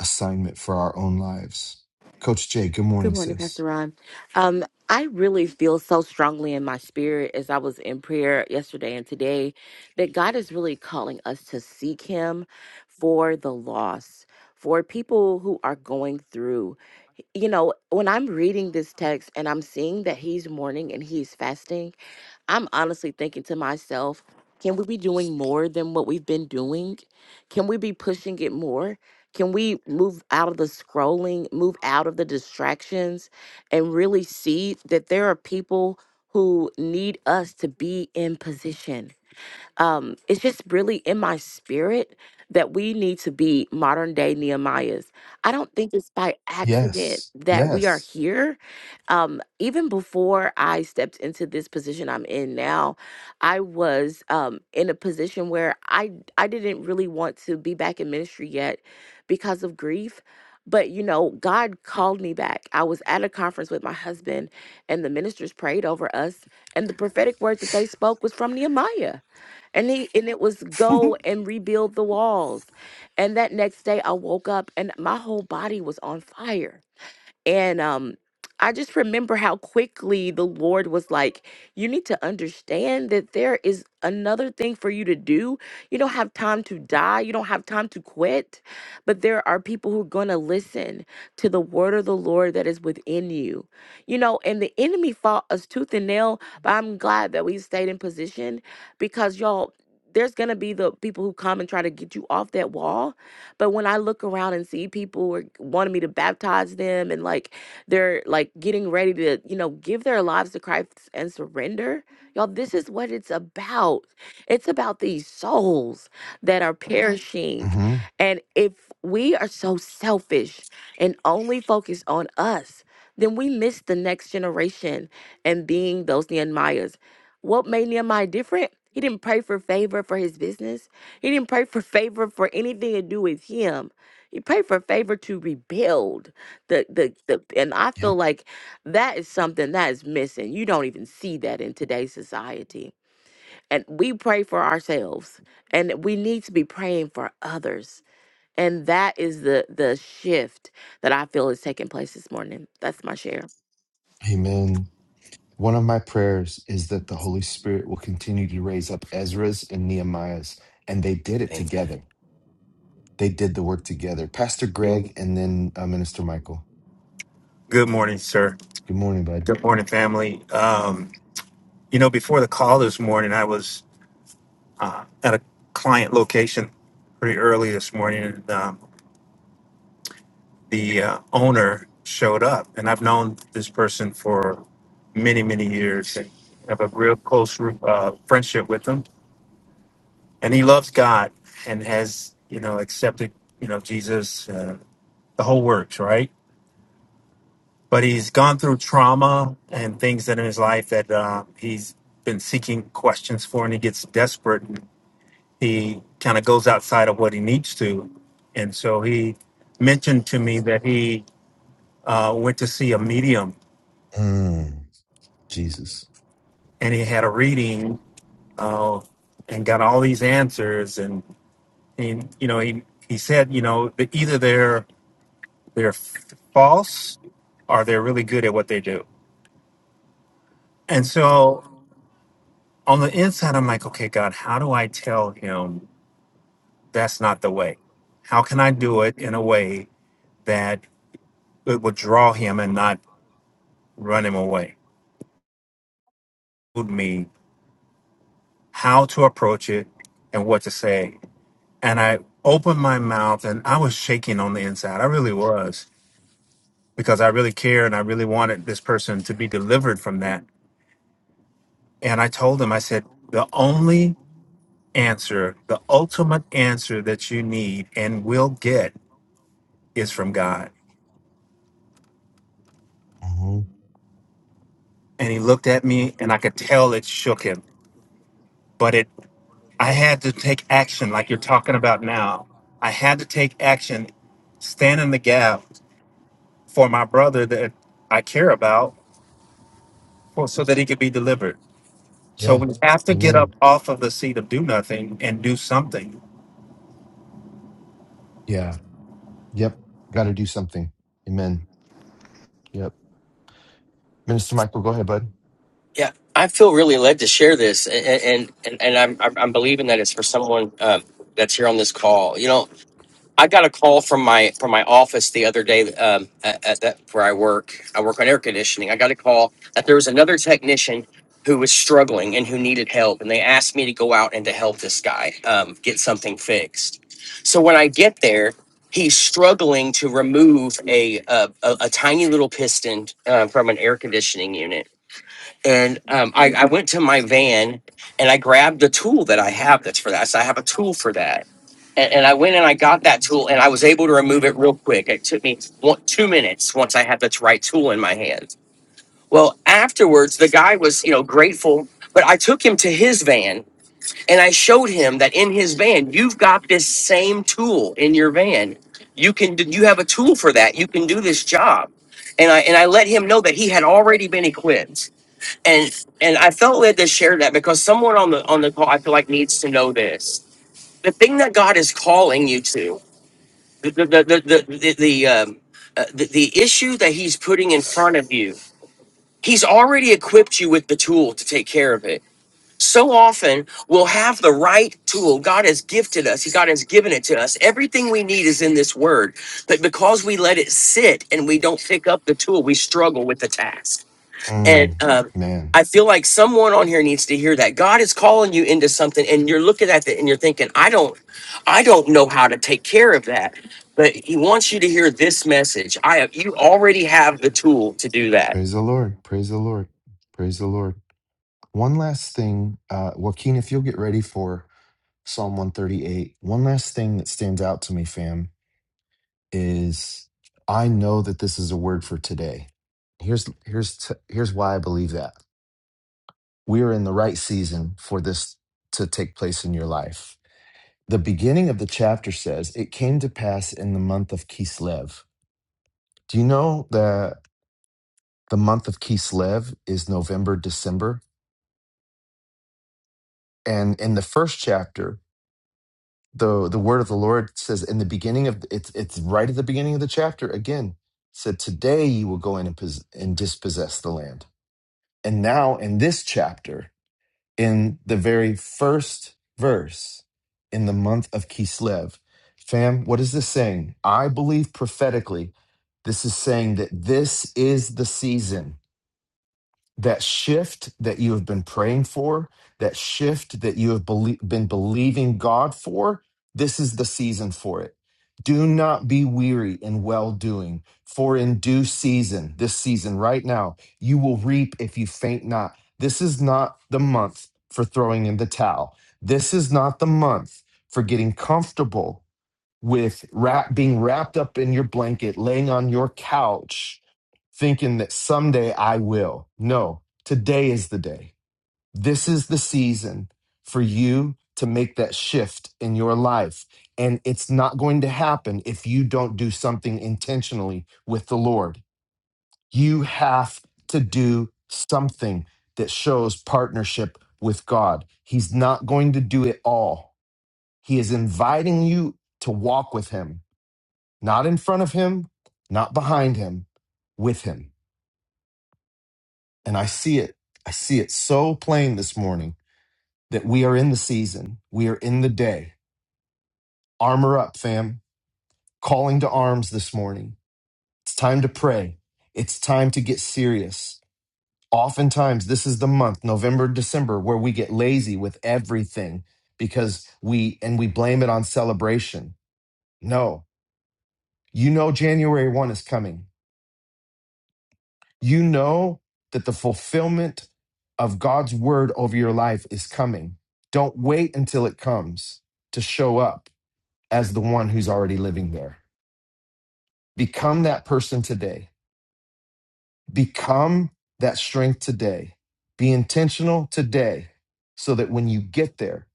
[SPEAKER 1] assignment for our own lives. Coach Jay, good
[SPEAKER 7] Good
[SPEAKER 1] morning,
[SPEAKER 7] morning,
[SPEAKER 1] sis.
[SPEAKER 7] Pastor Ron. Um, I really feel so strongly in my spirit as I was in prayer yesterday and today that God is really calling us to seek Him for the lost, for people who are going through. You know, when I'm reading this text and I'm seeing that He's mourning and He's fasting, I'm honestly thinking to myself, can we be doing more than what we've been doing? Can we be pushing it more? Can we move out of the scrolling, move out of the distractions, and really see that there are people who need us to be in position? um, it's just really in my spirit that we need to be modern day Nehemiahs. I don't think it's by accident
[SPEAKER 1] Yes.
[SPEAKER 7] that we are
[SPEAKER 1] Yes.
[SPEAKER 7] here. Um, even before I stepped into this position I'm in now, I was um, in a position where I I didn't really want to be back in ministry yet because of grief. But you know, God called me back. I was at a conference with my husband, and the ministers prayed over us, and the prophetic word that they spoke was from Nehemiah. And he and it was go and rebuild the walls. And that next day I woke up and my whole body was on fire and um, I just remember how quickly the Lord was like, You need to understand that there is another thing for you to do. You don't have time to die, you don't have time to quit, but there are people who are going to listen to the word of the Lord that is within you. You know, and the enemy fought us tooth and nail, but I'm glad that we stayed in position because, y'all, there's going to be the people who come and try to get you off that wall but when I look around and see people are wanting me to baptize them and like they're like getting ready to, you know, give their lives to Christ and surrender, y'all, this is what it's about. It's about these souls that are perishing.
[SPEAKER 1] hmm
[SPEAKER 7] And if we are so selfish and only focus on us, then we miss the next generation and being those Nehemiahs. What made Nehemiah different? He didn't pray for favor for his business. He didn't pray for favor for anything to do with him. He prayed for favor to rebuild. The, the the and I
[SPEAKER 1] Yep.
[SPEAKER 7] feel like that is something that is missing. You don't even see that in today's society. And we pray for ourselves and we need to be praying for others. And that is the the shift that I feel is taking place this morning. That's my share.
[SPEAKER 1] Amen. One of my prayers is that the Holy Spirit will continue to raise up Ezra's and Nehemiah's, and they did it
[SPEAKER 8] Amen.
[SPEAKER 1] together. They did the work together. Pastor Greg and then uh, Minister Michael.
[SPEAKER 9] Good morning, sir.
[SPEAKER 1] Good morning, bud.
[SPEAKER 9] Good morning, family. Um, you know, before the call this morning, I was uh, at a client location pretty early this morning, and um, the uh, owner showed up. And I've known this person for many, many years and have a real close uh, friendship with him. And he loves God and has, you know, accepted, you know, Jesus, uh, the whole works, right? but he's gone through trauma and things that in his life that uh, he's been seeking questions for, and he gets desperate. He kind of goes outside of what he needs to, and so he mentioned to me that he uh, went to see a medium
[SPEAKER 1] Mm, Jesus.
[SPEAKER 9] and he had a reading uh, and got all these answers, and, and you know he he said you know that either they're they're f- false or they're really good at what they do, and so. on the inside, I'm like, okay, God, how do I tell him that's not the way? How can I do it in a way that it would draw him and not run him away? Told me how to approach it and what to say. And I opened my mouth and I was shaking on the inside. I really was because I really care and I really wanted this person to be delivered from that. And I told him, I said, the only answer, the ultimate answer that you need and will get is from God
[SPEAKER 1] hmm
[SPEAKER 9] and he looked at me and I could tell it shook him. But it I had to take action like you're talking about now. I had to take action, stand in the gap for my brother that I care about for, so that he could be delivered. So
[SPEAKER 1] Yeah.
[SPEAKER 9] we have to get up
[SPEAKER 1] Amen.
[SPEAKER 9] off of the seat of do nothing and do something
[SPEAKER 1] Yeah. Yep. Got to do something. Amen. Yep. Minister Michael, go ahead, bud.
[SPEAKER 8] Yeah, I feel really led to share this, a- and and and I'm I'm I'm believing that it's for someone um, that's here on this call. You know, I got a call from my from my office the other day um, at, at that where I work. I work on air conditioning. I got a call that there was another technician who was struggling and who needed help, and they asked me to go out and to help this guy um, get something fixed. So when I get there. He's struggling to remove a a, a, a tiny little piston uh, from an air conditioning unit, and um, I, I went to my van and I grabbed the tool that I have that's for that. So I have a tool for that. And, and I went and I got that tool and I was able to remove it real quick. It took me one, two minutes once I had the right tool in my hand. Well, afterwards, the guy was, you know, grateful, but I took him to his van and I showed him that in his van, you've got this same tool in your van. You can, d- you have a tool for that. You can do this job. And I, and I let him know that he had already been equipped and and I felt led to share that because someone on the on the call I feel like needs to know this. The thing that God is calling you to, the the the the the, the, um, uh, the, the issue that He's putting in front of you, He's already equipped you with the tool to take care of it. So often we'll have the right tool. God has gifted us. God has given it to us. Everything we need is in this word. But because we let it sit and we don't pick up the tool, we struggle with the task.
[SPEAKER 1] Mm,
[SPEAKER 8] And um,
[SPEAKER 1] man.
[SPEAKER 8] I feel like someone on here needs to hear that God is calling you into something, and you're looking at it and you're thinking, I don't, I don't know how to take care of that. But He wants you to hear this message. I, have, you already have the tool to do that
[SPEAKER 1] Praise the Lord. Praise the Lord. Praise the Lord. One last thing, uh, Joaquin, if you'll get ready for Psalm 138, one last thing that stands out to me, fam, is I know that this is a word for today. Here's here's t- here's why I believe that. We are in the right season for this to take place in your life. The beginning of the chapter says, "It came to pass in the month of Kislev." Do you know that the month of Kislev is November, December? and in the first chapter the the word of the lord says in the beginning of it's it's right at the beginning of the chapter again said today you will go in and, pos- and dispossess the land and now in this chapter in the very first verse in the month of kislev fam what is this saying i believe prophetically this is saying that this is the season that shift that you have been praying for, that shift that you have belie- been believing God for, this is the season for it. Do not be weary in well doing, for in due season, this season right now, you will reap if you faint not. This is not the month for throwing in the towel. This is not the month for getting comfortable with wrap, being wrapped up in your blanket, laying on your couch, thinking that someday I will. No, today is the day. This is the season for you to make that shift in your life. And it's not going to happen if you don't do something intentionally with the Lord. You have to do something that shows partnership with God. He's not going to do it all. He is inviting you to walk with Him not in front of him, not behind him, with him. And I see it. I see it so plain this morning that we are in the season, we are in the day. Armor up, fam. Calling to arms this morning. It's time to pray. It's time to get serious. Oftentimes, this is the month, November, December, where we get lazy with everything because we and we blame it on celebration. No, you know, January 1 is coming. You know that the fulfillment of God's word over your life is coming. Don't wait until it comes to show up as the one who's already living there. Become that person today. Become that strength today. Be intentional today so that when you get there,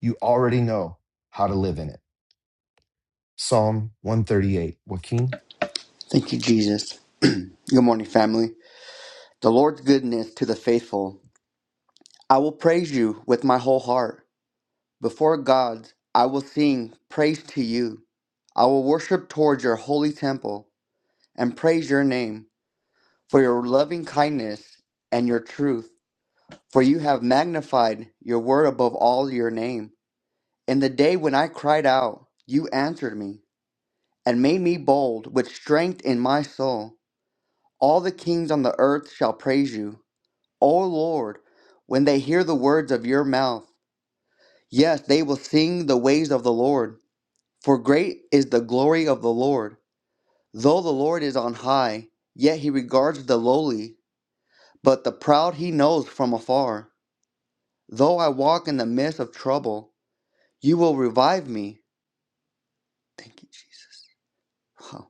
[SPEAKER 1] you already know how to live in it. Psalm 138. Joaquin?
[SPEAKER 10] Thank you, Jesus. Good morning, family. The Lord's goodness to the faithful. I will praise you with my whole heart. Before God, I will sing praise to you. I will worship towards your holy temple and praise your name for your loving kindness and your truth. For you have magnified your word above all your name. In the day when I cried out, you answered me and made me bold with strength in my soul. All the kings on the earth shall praise you O Lord, when they hear the words of your mouth, yes, they will sing the ways of the Lord. For great is the glory of the Lord. Though the Lord is on high, yet he regards the lowly, but the proud he knows from afar. Though I walk in the midst of trouble, you will revive me. Thank you, Jesus. Wow.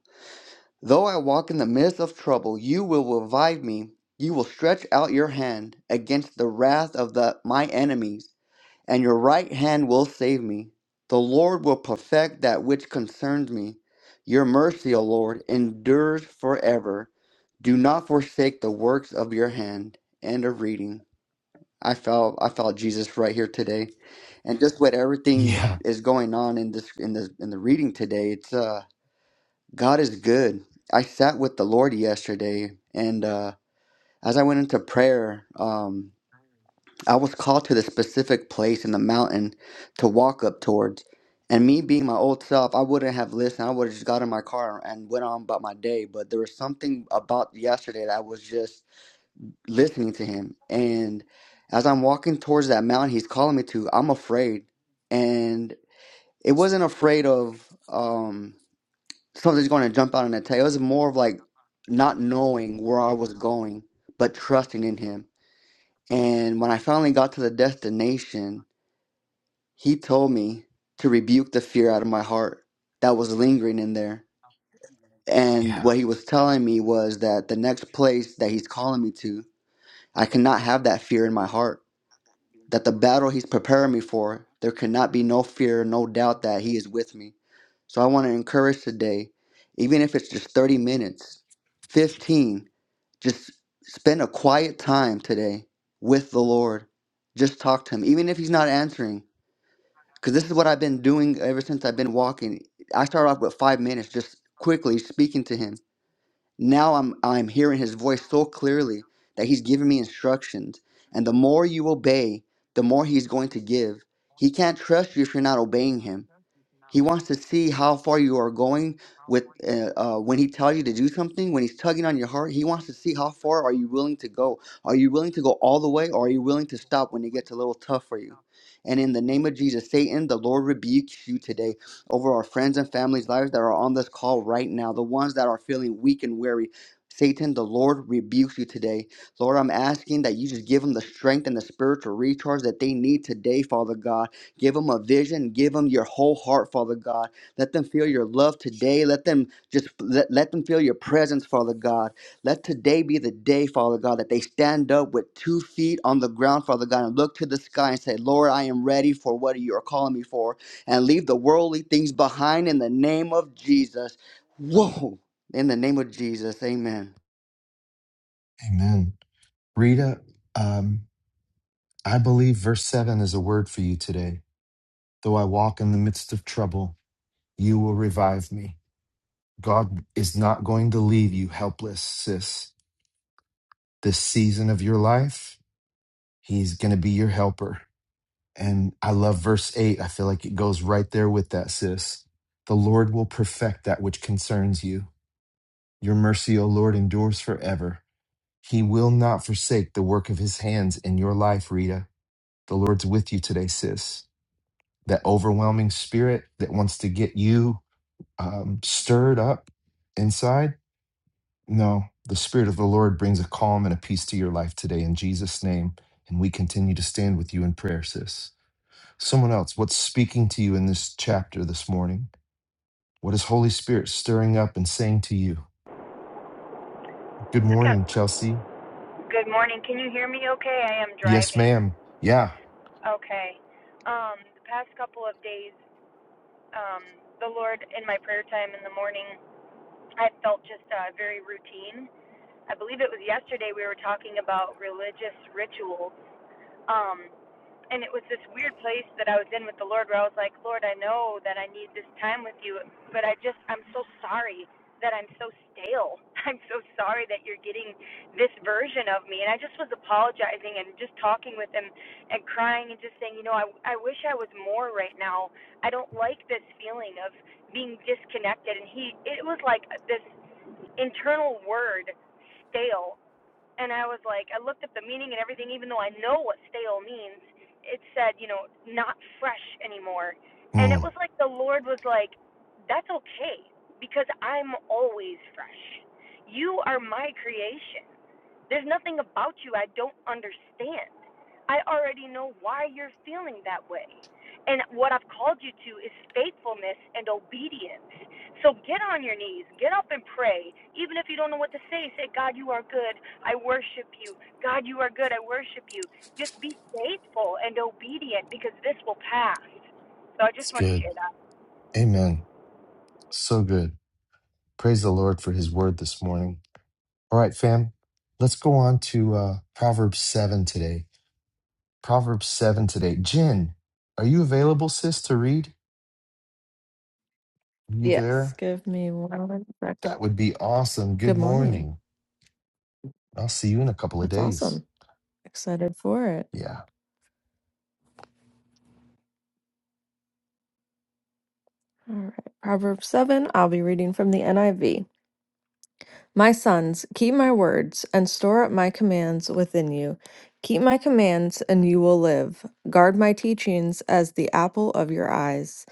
[SPEAKER 10] Though I walk in the midst of trouble, you will revive me. You will stretch out your hand against the wrath of the, my enemies. and your right hand will save me. The Lord will perfect that which concerns me. Your mercy, O Lord, endures forever. Do not forsake the works of your hand. End of reading. I felt I felt Jesus right here today, and just what everything
[SPEAKER 1] Yeah,
[SPEAKER 10] is going on in this in the in the reading today. It's uh God is good. I sat with the Lord yesterday, and uh, as I went into prayer, um, I was called to the specific place in the mountain to walk up towards. And me being my old self, I wouldn't have listened. I would have just got in my car and went on about my day. But there was something about yesterday that I was just listening to him. And as I'm walking towards that mountain he's calling me to, I'm afraid. And it wasn't afraid of um, something's going to jump out and attack. It was more of like not knowing where I was going, but trusting in him. And when I finally got to the destination, he told me to rebuke the fear out of my heart that was lingering in there. And
[SPEAKER 1] yeah.
[SPEAKER 10] what he was telling me was that the next place that he's calling me to, I cannot have that fear in my heart. That the battle he's preparing me for, there cannot be no fear, no doubt that he is with me. So I want to encourage today, even if it's just 30 minutes, 15, just spend a quiet time today with the Lord. Just talk to him, even if he's not answering because this is what I've been doing ever since I've been walking. I started off with five minutes, just quickly speaking to him. Now I'm I'm hearing his voice so clearly that he's giving me instructions. And the more you obey, the more he's going to give. He can't trust you if you're not obeying him. He wants to see how far you are going with uh, uh, when he tells you to do something, when he's tugging on your heart. He wants to see how far are you willing to go. Are you willing to go all the way, or are you willing to stop when it gets a little tough for you? And in the name of Jesus, Satan, the Lord rebukes you today over our friends and families' lives that are on this call right now, the ones that are feeling weak and weary. Satan, the Lord rebukes you today. Lord, I'm asking that you just give them the strength and the spiritual recharge that they need today, Father God Give them a vision. Give them your whole heart, Father God. Let them feel your love today. Let them just let, let them feel your presence, Father God. Let today be the day, Father God, that they stand up with two feet on the ground, Father God, and look to the sky and say, Lord, I am ready for what you are calling me for, and leave the worldly things behind in the name of Jesus. Whoa! In the name of Jesus, amen.
[SPEAKER 1] Amen. Rita, um, I believe verse 7 is a word for you today Though I walk in the midst of trouble, you will revive me. God is not going to leave you helpless, sis. This season of your life, He's going to be your helper. And I love verse 8. I feel like it goes right there with that, sis. The Lord will perfect that which concerns you. Your mercy, O Lord, endures forever. He will not forsake the work of His hands in your life, Rita. The Lord's with you today, sis. That overwhelming spirit that wants to get you um, stirred up inside? No. The Spirit of the Lord brings a calm and a peace to your life today in Jesus' name. And we continue to stand with you in prayer, sis. Someone else, what's speaking to you in this chapter this morning? What is Holy Spirit stirring up and saying to you? Good
[SPEAKER 11] Okay.
[SPEAKER 1] morning, Chelsea.
[SPEAKER 11] Good morning. Can you hear me okay? I am
[SPEAKER 1] Yes,
[SPEAKER 11] driving.
[SPEAKER 1] ma'am. Yeah.
[SPEAKER 11] Okay. Um, the past couple of days, um, the Lord in my prayer time in the morning, I felt just uh, very routine. I believe it was yesterday we were talking about religious rituals. Um, and it was this weird place that I was in with the Lord where I was like, Lord, I know that I need this time with you, but I just, I'm so sorry that I'm so stale. I'm so sorry that you're getting this version of me. And I just was apologizing and just talking with him and crying and just saying, you know, I, I wish I was more right now. I don't like this feeling of being disconnected. And he, it was like this internal word, stale and I was like, I looked up the meaning and everything, even though I know what stale means. It said, you know, not fresh anymore. And it
[SPEAKER 1] Mm,
[SPEAKER 11] was like the Lord was like, that's okay because I'm always fresh. You are my creation. There's nothing about you I don't understand. I already know why you're feeling that way. And what I've called you to is faithfulness and obedience. So get on your knees, get up and pray. Even if you don't know what to say, say, God, you are good. I worship you. God, you are good. I worship you. Just be faithful and obedient because this will pass. So I just
[SPEAKER 1] it's
[SPEAKER 11] want to
[SPEAKER 1] good.
[SPEAKER 11] share that.
[SPEAKER 1] Amen. So good. Praise the Lord for his word this morning. All right, fam. Let's go on to uh, Proverbs 7 today. Proverbs 7 today. Jen, are you available, sis, to read? Are you
[SPEAKER 12] Yes,
[SPEAKER 1] there?
[SPEAKER 12] give me one second.
[SPEAKER 1] That would be awesome. Good
[SPEAKER 12] Good morning.
[SPEAKER 1] morning. I'll see you in a couple of
[SPEAKER 12] That's
[SPEAKER 1] days.
[SPEAKER 12] awesome. Excited for it.
[SPEAKER 1] Yeah.
[SPEAKER 12] All right. Proverbs 7, I'll be reading from the NIV. My sons, keep my words and store up my commands within you. Keep my commands and you will live. Guard my teachings as the apple of your eyes.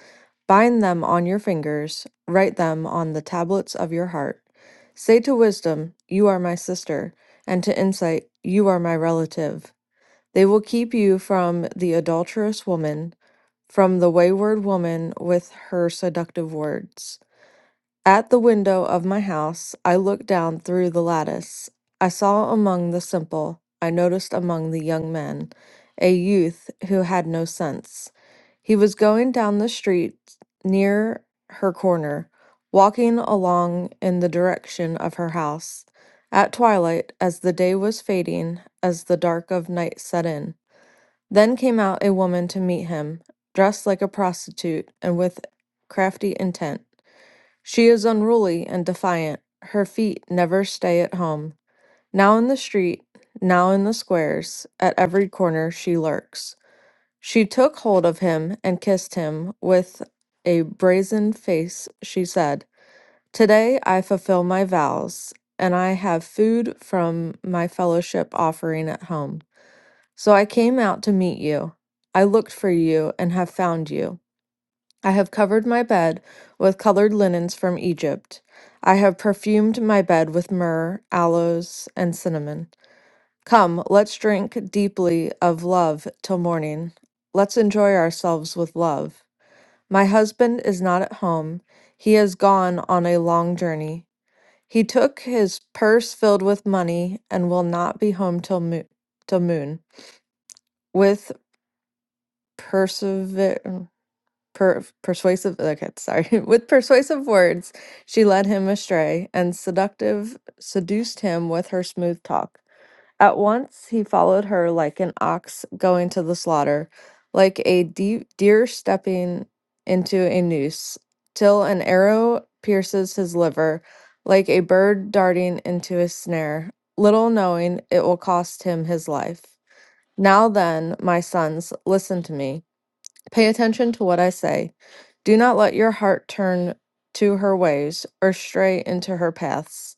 [SPEAKER 12] Bind them on your fingers, write them on the tablets of your heart. Say to wisdom, You are my sister, and to insight, You are my relative. They will keep you from the adulterous woman, from the wayward woman with her seductive words. At the window of my house, I looked down through the lattice. I saw among the simple, I noticed among the young men, a youth who had no sense. He was going down the street near her corner, walking along in the direction of her house. At twilight, as the day was fading, as the dark of night set in, then came out a woman to meet him, dressed like a prostitute and with crafty intent. She is unruly and defiant. Her feet never stay at home. Now in the street, now in the squares, at every corner she lurks. She took hold of him and kissed him. With a brazen face, she said, Today I fulfill my vows, and I have food from my fellowship offering at home. So I came out to meet you. I looked for you and have found you. I have covered my bed with colored linens from Egypt. I have perfumed my bed with myrrh, aloes, and cinnamon. Come, let's drink deeply of love till morning. Let's enjoy ourselves with love. My husband is not at home. He has gone on a long journey. He took his purse filled with money and will not be home till, mo- till moon. With. persever per, persuasive okay sorry with persuasive words she led him astray and seductive seduced him with her smooth talk at once he followed her like an ox going to the slaughter like a de- deer stepping into a noose till an arrow pierces his liver like a bird darting into a snare little knowing it will cost him his life now then my sons listen to me Pay attention to what I say. Do not let your heart turn to her ways or stray into her paths.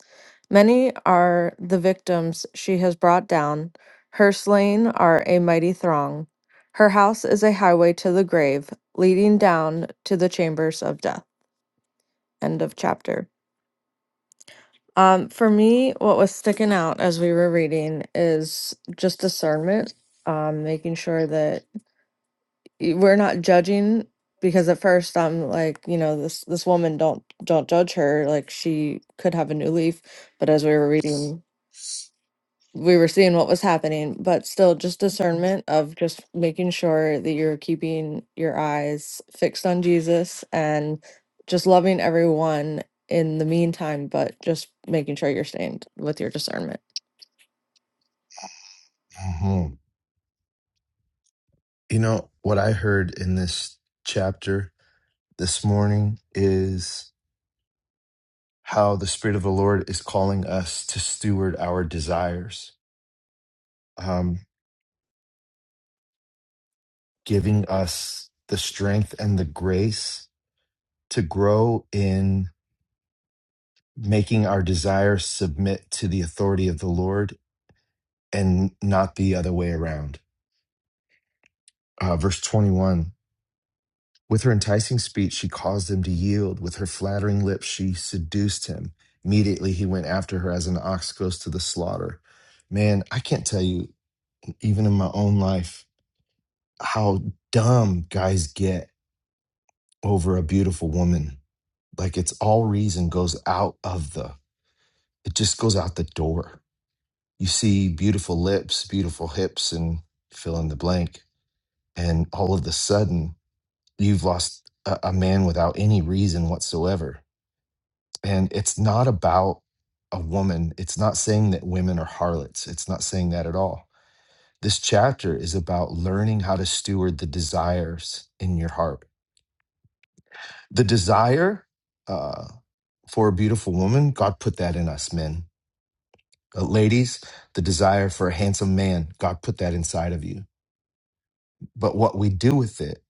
[SPEAKER 12] Many are the victims she has brought down. Her slain are a mighty throng. Her house is a highway to the grave, leading down to the chambers of death. End of chapter. Um, for me, what was sticking out as we were reading is just discernment, um, making sure that y- we're not judging because at first I'm like, you know, this this woman don't don't judge her, like she could have a new leaf, but as we were reading, we were seeing what was happening, but still just discernment of just making sure that you're keeping your eyes fixed on Jesus and just loving everyone in the meantime, but just making sure you're staying with your discernment.
[SPEAKER 1] hmm You know, what I heard in this chapter this morning is how the Spirit of the Lord is calling us to steward our desires, um, giving us the strength and the grace to grow in making our desires submit to the authority of the Lord and not the other way around. Uh, verse 21 With her enticing speech, she caused him to yield. With her flattering lips, she seduced him. Immediately, he went after her as an ox goes to the slaughter. Man, I can't tell you, even in my own life, how dumb guys get over a beautiful woman. Like it's all reason goes out of the, it just goes out the door. You see beautiful lips, beautiful hips, and fill in the blank. And all of the sudden, you've lost a, a man without any reason whatsoever. And it's not about a woman. It's not saying that women are harlots. It's not saying that at all. This chapter is about learning how to steward the desires in your heart. The desire uh, for a beautiful woman, God put that in us men. Uh, ladies, the desire for a handsome man, God put that inside of you. But what we do with it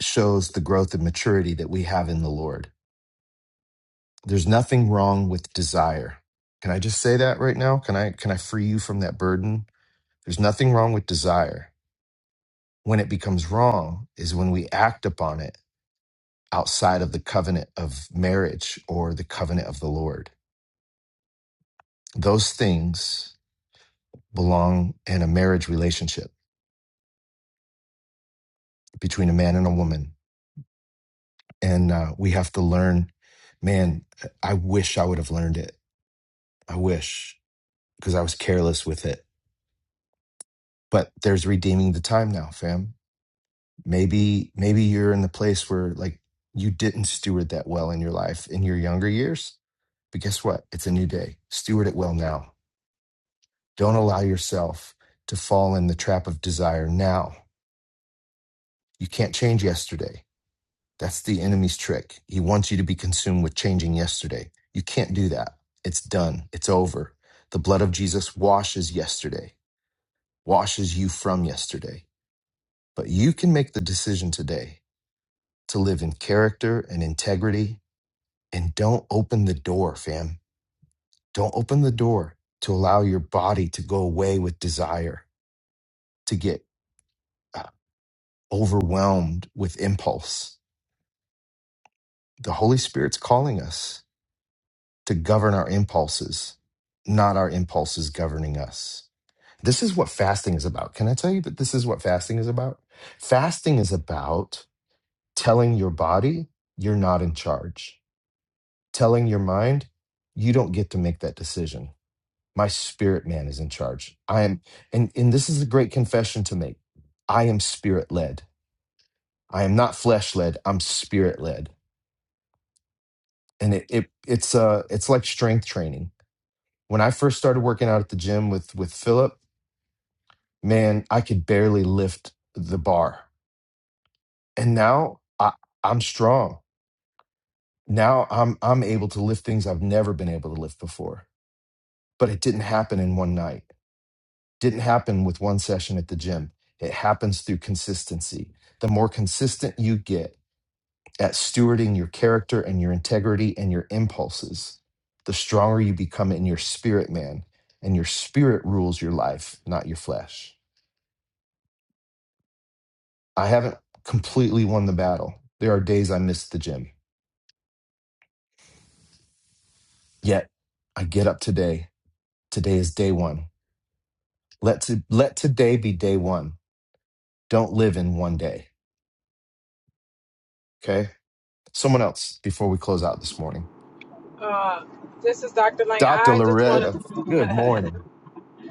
[SPEAKER 1] shows the growth and maturity that we have in the Lord There's nothing wrong with desire. Can I just say that right now? Can I can I free you from that burden? There's nothing wrong with desire. When it becomes wrong is when we act upon it outside of the covenant of marriage or the covenant of the Lord. Those things belong in a marriage relationship between a man and a woman. And uh, we have to learn, man, I wish I would have learned it. I wish because I was careless with it. But there's redeeming the time now, fam maybe maybe you're in the place where like you didn't steward that well in your life in your younger years but guess what it's a new day steward it well now don't allow yourself to fall in the trap of desire now you can't change yesterday that's the enemy's trick he wants you to be consumed with changing yesterday you can't do that it's done it's over the blood of jesus washes yesterday washes you from yesterday but you can make the decision today to live in character and integrity and don't open the door, fam. Don't open the door to allow your body to go away with desire, to get uh, overwhelmed with impulse. The Holy Spirit's calling us to govern our impulses, not our impulses governing us. This is what fasting is about. Can I tell you that this is what fasting is about? Fasting is about telling your body you're not in charge, telling your mind you don't get to make that decision My spirit man is in charge. I am, and, and this is a great confession to make. I am spirit led. I am not flesh led. I'm spirit led. And it, it it's uh it's like strength training. When I first started working out at the gym with with Philip, man, I could barely lift the bar. And now I, I'm strong. Now I'm I'm able to lift things I've never been able to lift before. But it didn't happen in one night didn't happen with one session at the gym. It happens through consistency. The more consistent you get at stewarding your character and your integrity and your impulses, the stronger you become in your spirit, man. And your spirit rules your life, not your flesh. I haven't completely won the battle. There are days I miss the gym. Yet I get up today. Today is day one. Let, to, let today be day one. Don't live in one day. Okay. Someone else before we close out this morning.
[SPEAKER 13] Uh, this is Dr. Lang.
[SPEAKER 1] Dr.
[SPEAKER 13] I just want
[SPEAKER 1] Loretta,
[SPEAKER 13] to,
[SPEAKER 1] good morning.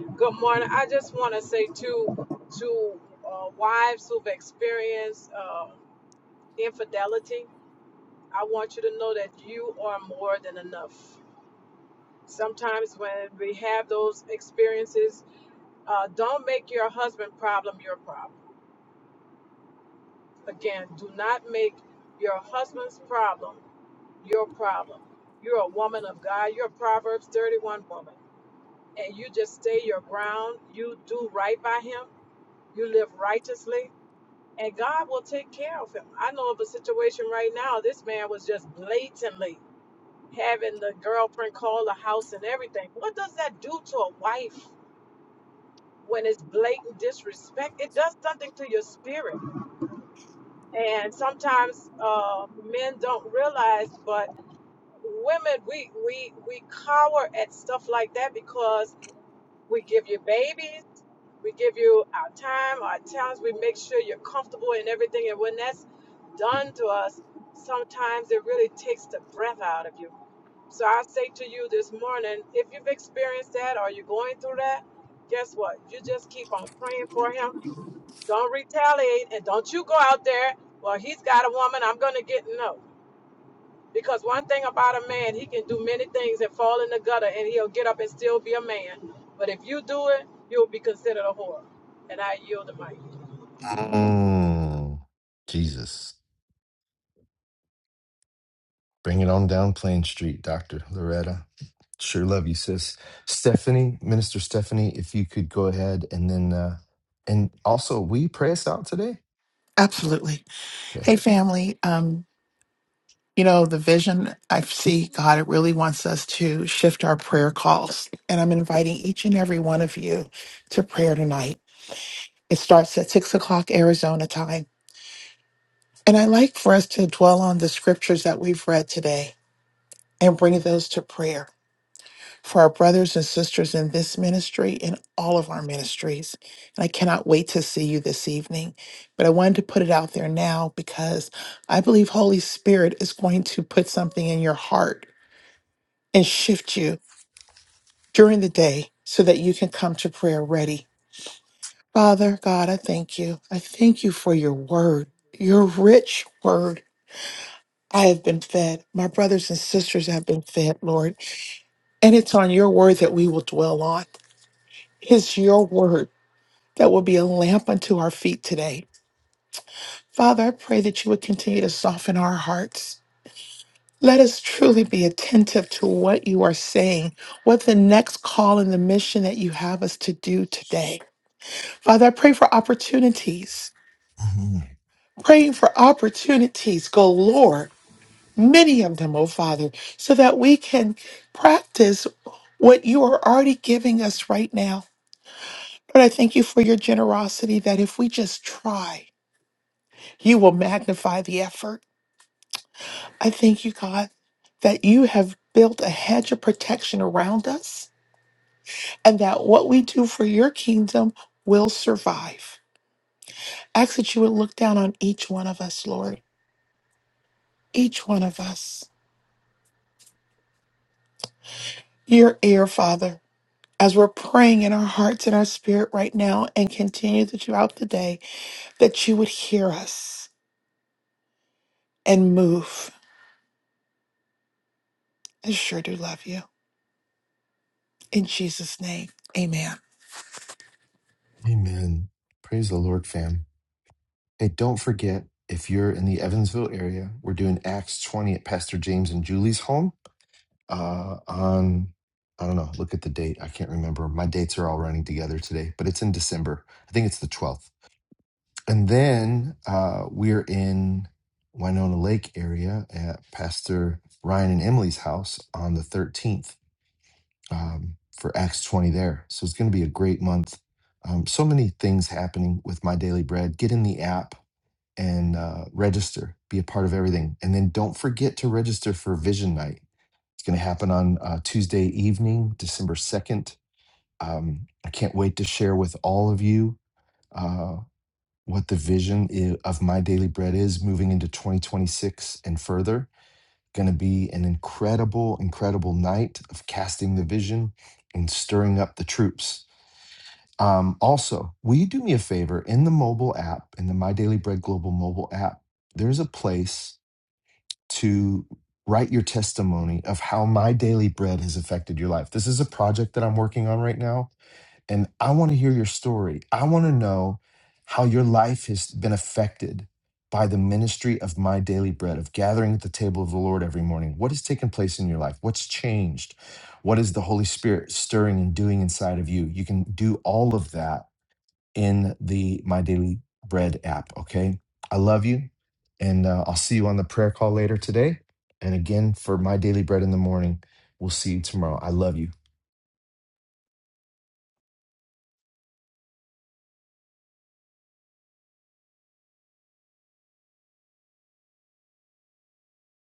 [SPEAKER 13] good morning. I just want to say to, to uh, wives who've experienced uh, infidelity, I want you to know that you are more than enough. Sometimes when we have those experiences, uh, don't make your husband problem your problem. Again, do not make your husband's problem your problem. You're a woman of God. You're a Proverbs 31 woman. and you just stay your ground, you do right by him, you live righteously, and God will take care of him. I know of a situation right now, this man was just blatantly having the girlfriend call the house and everything. What does that do to a wife when it's blatant disrespect? It does something to your spirit. And sometimes uh, men don't realize, but women, we, we, we cower at stuff like that because we give you babies We give you our time, our talents. We make sure you're comfortable in everything. And when that's done to us, sometimes it really takes the breath out of you. So I say to you this morning, if you've experienced that or you're going through that, guess what? You just keep on praying for him. Don't retaliate and don't you go out there, well, he's got a woman, I'm going to get no. Because one thing about a man, he can do many things and fall in the gutter and he'll get up and still be a man. But if you do it, you'll be considered a whore. And I yield the mic.
[SPEAKER 1] Mm, Jesus. Bring it on down Plain Street, Dr. Loretta. Sure love you, sis. Stephanie, Minister Stephanie, if you could go ahead and then, uh, and also, will you pray us out today?
[SPEAKER 4] Absolutely.
[SPEAKER 1] Okay.
[SPEAKER 4] Hey, family. Um, You know, the vision I see, God, it really wants us to shift our prayer calls. And I'm inviting each and every one of you to prayer tonight. It starts at six o'clock Arizona time. And I like for us to dwell on the scriptures that we've read today and bring those to prayer for our brothers and sisters in this ministry and all of our ministries. And I cannot wait to see you this evening. But I wanted to put it out there now because I believe Holy Spirit is going to put something in your heart and shift you during the day so that you can come to prayer ready. Father God, I thank you. I thank you for your word, your rich word. I have been fed. My brothers and sisters have been fed, Lord. And it's on your word that we will dwell on. It's your word that will be a lamp unto our feet today. Father, I pray that you would continue to soften our hearts. Let us truly be attentive to what you are saying, what the next call and the mission that you have us to do today. Father, I pray for opportunities,
[SPEAKER 1] Mhm.
[SPEAKER 4] praying for opportunities, go Lord, many of them, oh Father, so that we can practice what you are already giving us right now. Lord, I thank you for your generosity that if we just try, you will magnify the effort. I thank you, God, that you have built a hedge of protection around us and that what we do for your kingdom will survive. Ask that you would look down on each one of us, Lord, each one of us. Your ear, Father, as we're praying in our hearts and our spirit right now and continue to throughout the day, that you would hear us and move. I sure do love you. In Jesus' name, amen.
[SPEAKER 1] Amen. Praise the Lord, fam. Hey, don't forget, if you're in the Evansville area, we're doing Acts 20 at Pastor James and Julie's home. uh, on I don't know. Look at the date. I can't remember. My dates are all running together today, but it's in December. I think it's the twelfth. And then uh, we're in Winona Lake area at Pastor Ryan and Emily's house on the thirteenth um, for Acts twenty there. So it's going to be a great month. Um, so many things happening with my daily bread. Get in the app and uh, register. Be a part of everything, and then don't forget to register for Vision Night it's going to happen on uh, Tuesday evening, December 2nd. Um, I can't wait to share with all of you uh, what the vision i- of My Daily Bread is moving into 2026 and further. Going to be an incredible, incredible night of casting the vision and stirring up the troops. Um, also, will you do me a favor in the mobile app, in the My Daily Bread Global mobile app? There's a place to write your testimony of how my daily bread has affected your life. This is a project that I'm working on right now, and I want to hear your story. I want to know how your life has been affected by the ministry of my daily bread, of gathering at the table of the Lord every morning. What has taken place in your life? What's changed? What is the Holy Spirit stirring and doing inside of you? You can do all of that in the My Daily Bread app. Okay. I love you. And uh, I'll see you on the prayer call later today. And again, for My Daily Bread in the morning, we'll see you tomorrow. I love you.